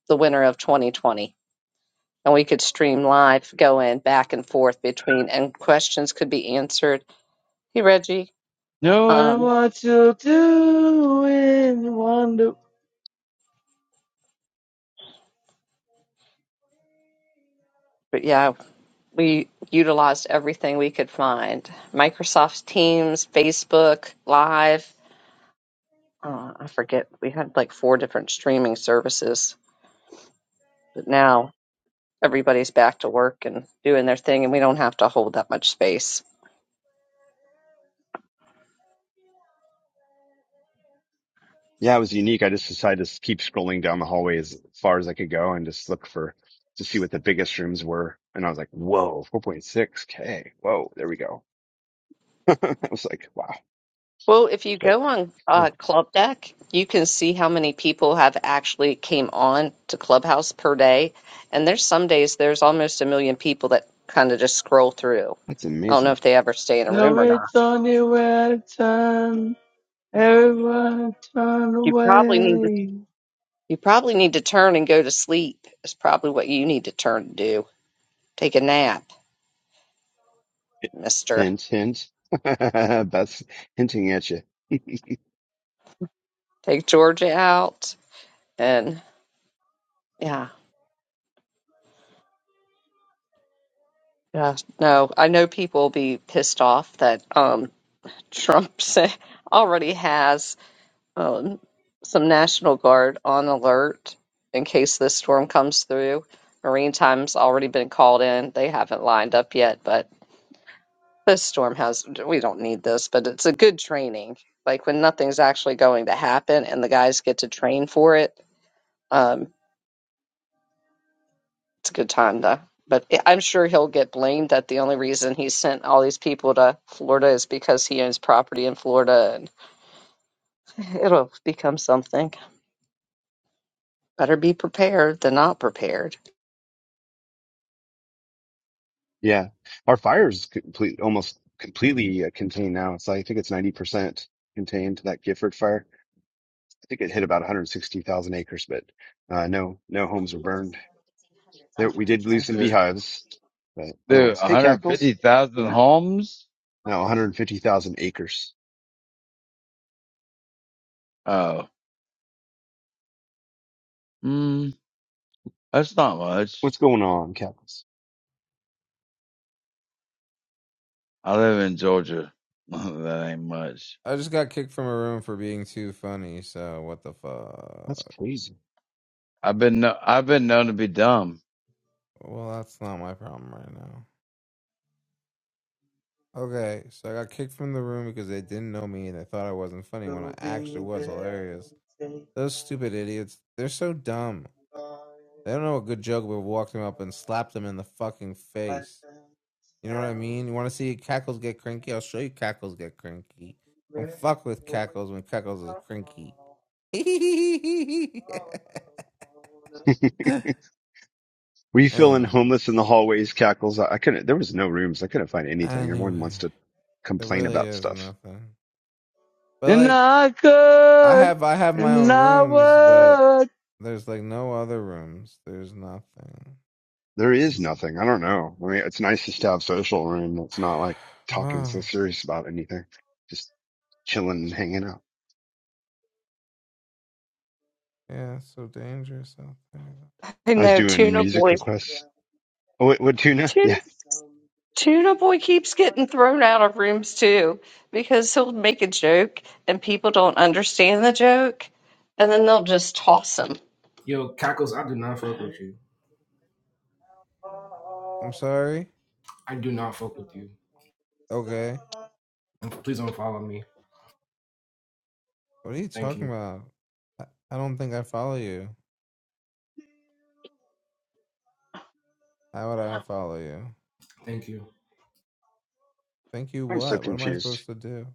the winter of 2020. and we could stream live, go in back and forth between, and questions could be answered. Hey, Reggie. Knowing Um, what you'll do in wonder. but yeah, we utilized everything we could find: Microsoft Teams, Facebook Live. Uh, I forget. We had like four different streaming services, but now everybody's back to work and doing their thing, and we don't have to hold that much space. Yeah, it was unique. I just decided to keep scrolling down the hallway as far as I could go and just look for to see what the biggest rooms were. And I was like, whoa, 4.6K. Whoa, there we go. I was like, wow, Well, if you but go on yeah, uh, Club Deck, you can see how many people have actually came on to Clubhouse per day. And there's some days there's almost a million people that kind of just scroll through. that's I don't know amazing. if they ever stay in a No, room or not. it's only way. at a time. Everyone turn You probably need to away. you probably need to turn and go to sleep. Is probably what you need to turn to do. Take a nap, mister. Hint, hint. Beth's hinting at you. Take Georgia out and yeah. Yeah. No, I know people will be pissed off that um Trump already has um, some National Guard on alert in case this storm comes through. Marine time's already been called in. They haven't lined up yet, but this storm has, we don't need this, but it's a good training. Like when nothing's actually going to happen and the guys get to train for it, um, it's a good time to. But I- I'm sure he'll get blamed that the only reason he sent all these people to Florida is because he owns property in Florida and it'll become something. Better be prepared than not prepared. Yeah. Our fire is complete, almost completely uh, contained now. It's like, I think it's 90% contained, that Gifford fire. I think it hit about 160,000 acres, but uh, no, no homes were burned. There, we did lose some Dude, beehives, but dude otherwise, hey, Cackles. 150,000 homes? Now 150,000 acres. Oh. Mm. That's not much. What's going on, Cackles? I live in Georgia. that ain't much. I just got kicked from a room for being too funny, so what the That's fuck? crazy. I've been kno- I've been known to be dumb. Well, that's not my problem right now. Okay, so I got kicked from the room because they didn't know me and they thought I wasn't funny when I actually was hilarious. Those stupid idiots, they're so dumb. They don't know a good joke but walked them up and slapped them in the fucking face. You know what I mean? You want to see cackles get cranky? I'll show you cackles get cranky. Don't fuck with cackles when cackles is cranky. anyway, Were you feeling homeless in the hallways, Cackles? I, I couldn't, there was no rooms. I couldn't find anything. Everyone anyway. wants to There complain really about is stuff. nothing. But And like I I could, have I have my and own I rooms, but would. there's like no other rooms. There's nothing. There is nothing. I don't know. I mean, it's nice just to have social room that's not like talking Wow. so serious about anything. Just chilling and hanging out. Yeah, it's so dangerous out there. I I was know doing Tuna music Boy. requests. Oh, wait, what tuna? Tuna, Yeah. Tuna Boy keeps getting thrown out of rooms too because he'll make a joke and people don't understand the joke, and then they'll just toss him. Yo, Cackles, I do not fuck with you. I'm sorry. I do not fuck with you. Okay. And please don't follow me. What are you Thank talking you. about? I, I don't think I follow you. How would I follow you? Thank you. Thank you I'm so what? What am I confused. supposed to do?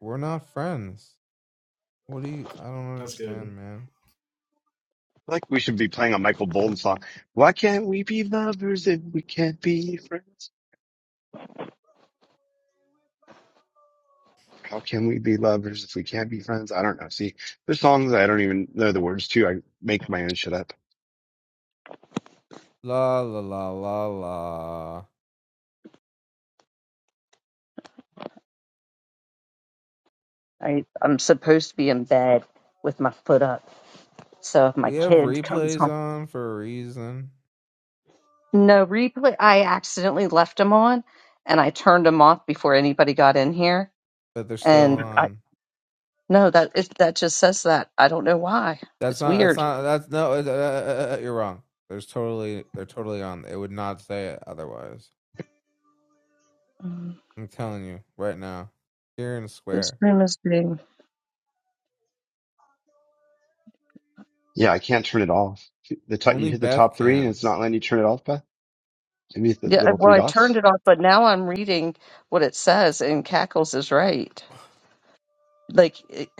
We're not friends. What do you I don't That's good. understand, man. Like we should be playing a Michael Okay. Bolton song. Why can't we be lovers if we can't be friends? How can we be lovers if we can't be friends? I don't know. See, there's songs I don't even know the words to. I make my own shit up. La la la la la. I, I'm supposed to be in bed with my foot up. So if my We have kid comes replays home, on for a reason. no replay. I accidentally left them on, and I turned them off before anybody got in here. but they're still And I on. no, that it, that just says that. I don't know why. That's It's not. That's weird. not. That's no. uh, uh, uh, uh, you're wrong. There's totally. They're totally on. It would not say it otherwise. Um, I'm telling you right now. Here and This square. room is being Yeah, I can't turn it off. The top, you Only hit the Beth top three and can. it's not letting you turn it off, Beth. Maybe it's the yeah. uh, little Well, three I turned dots. it off, but now I'm reading what it says, and Cackles is right. Like.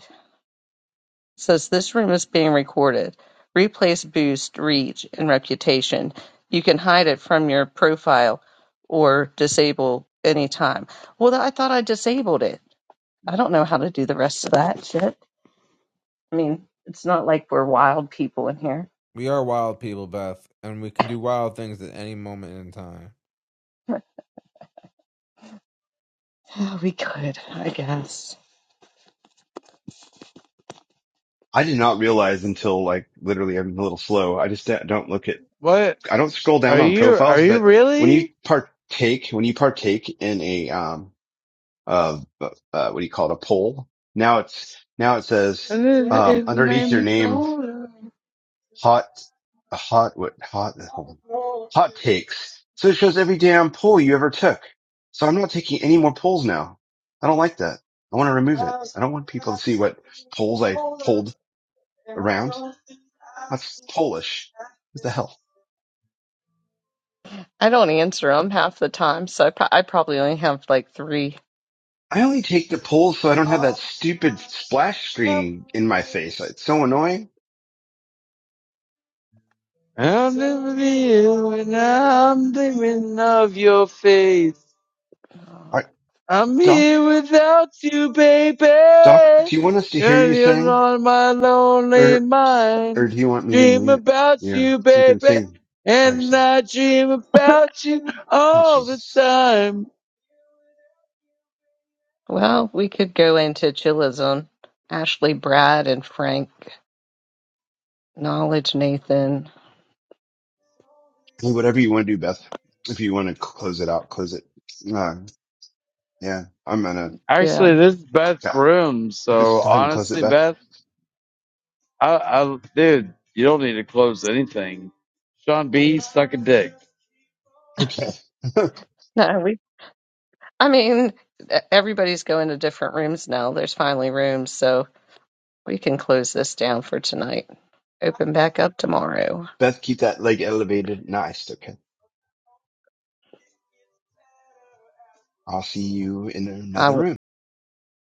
Says this room is being recorded, replays boost reach and reputation. You can hide it from your profile or disable anytime. Well, I thought I disabled it. I don't know how to do the rest of that shit. I mean, it's not like we're wild people in here. We are wild people, Beth, and we can do wild things at any moment in time. Oh, we could, I guess. I did not realize until like literally I'm a little slow. I just don't look at, What I don't scroll down are on you? Are profiles, you but when you really? partake, when you partake in a, um, of uh, what do you call it, a poll. Now it's now it says And it, um, it made underneath your me name, colder. hot, hot, what, hot, hold on. hot takes. So it shows every damn poll you ever took. So I'm not taking any more polls now. I don't like that. I want to remove it. I don't want people to see what polls I pulled around. That's Polish. What the hell? I don't answer them half the time, so I, pro- I probably only have like three I only take the polls so I don't have that stupid splash screen in my face. It's so annoying. I'll never be you, and I'm dreaming of your face. Oh, All right, I'm Doc, here without you, baby. Doc, do you want us to hear Cause you you're sing? on my lonely Or, mind. or do you want me to Dream name it? about Yeah. you, So you can baby. sing by And yourself. I dream about you Oh, all the Jesus. time. Well, we could go into Chilla's on Ashley, Brad, and Frank. Knowledge, Nathan. Well, Whatever you want to do, Beth. If you want to close it out, close it. Uh, yeah. I'm gonna, Yeah. Actually, this is Beth's yeah. room. Just So go ahead and close it, honestly, Beth. Beth, I, I, dude, you don't need to close anything. Sean B, suck a dick. Okay. No, we. I mean, e- everybody's going to different rooms now. There's finally rooms, so we can close this down for tonight. Open back up tomorrow. Beth, keep that leg elevated. Nice. Okay. I'll see you in I would. another room.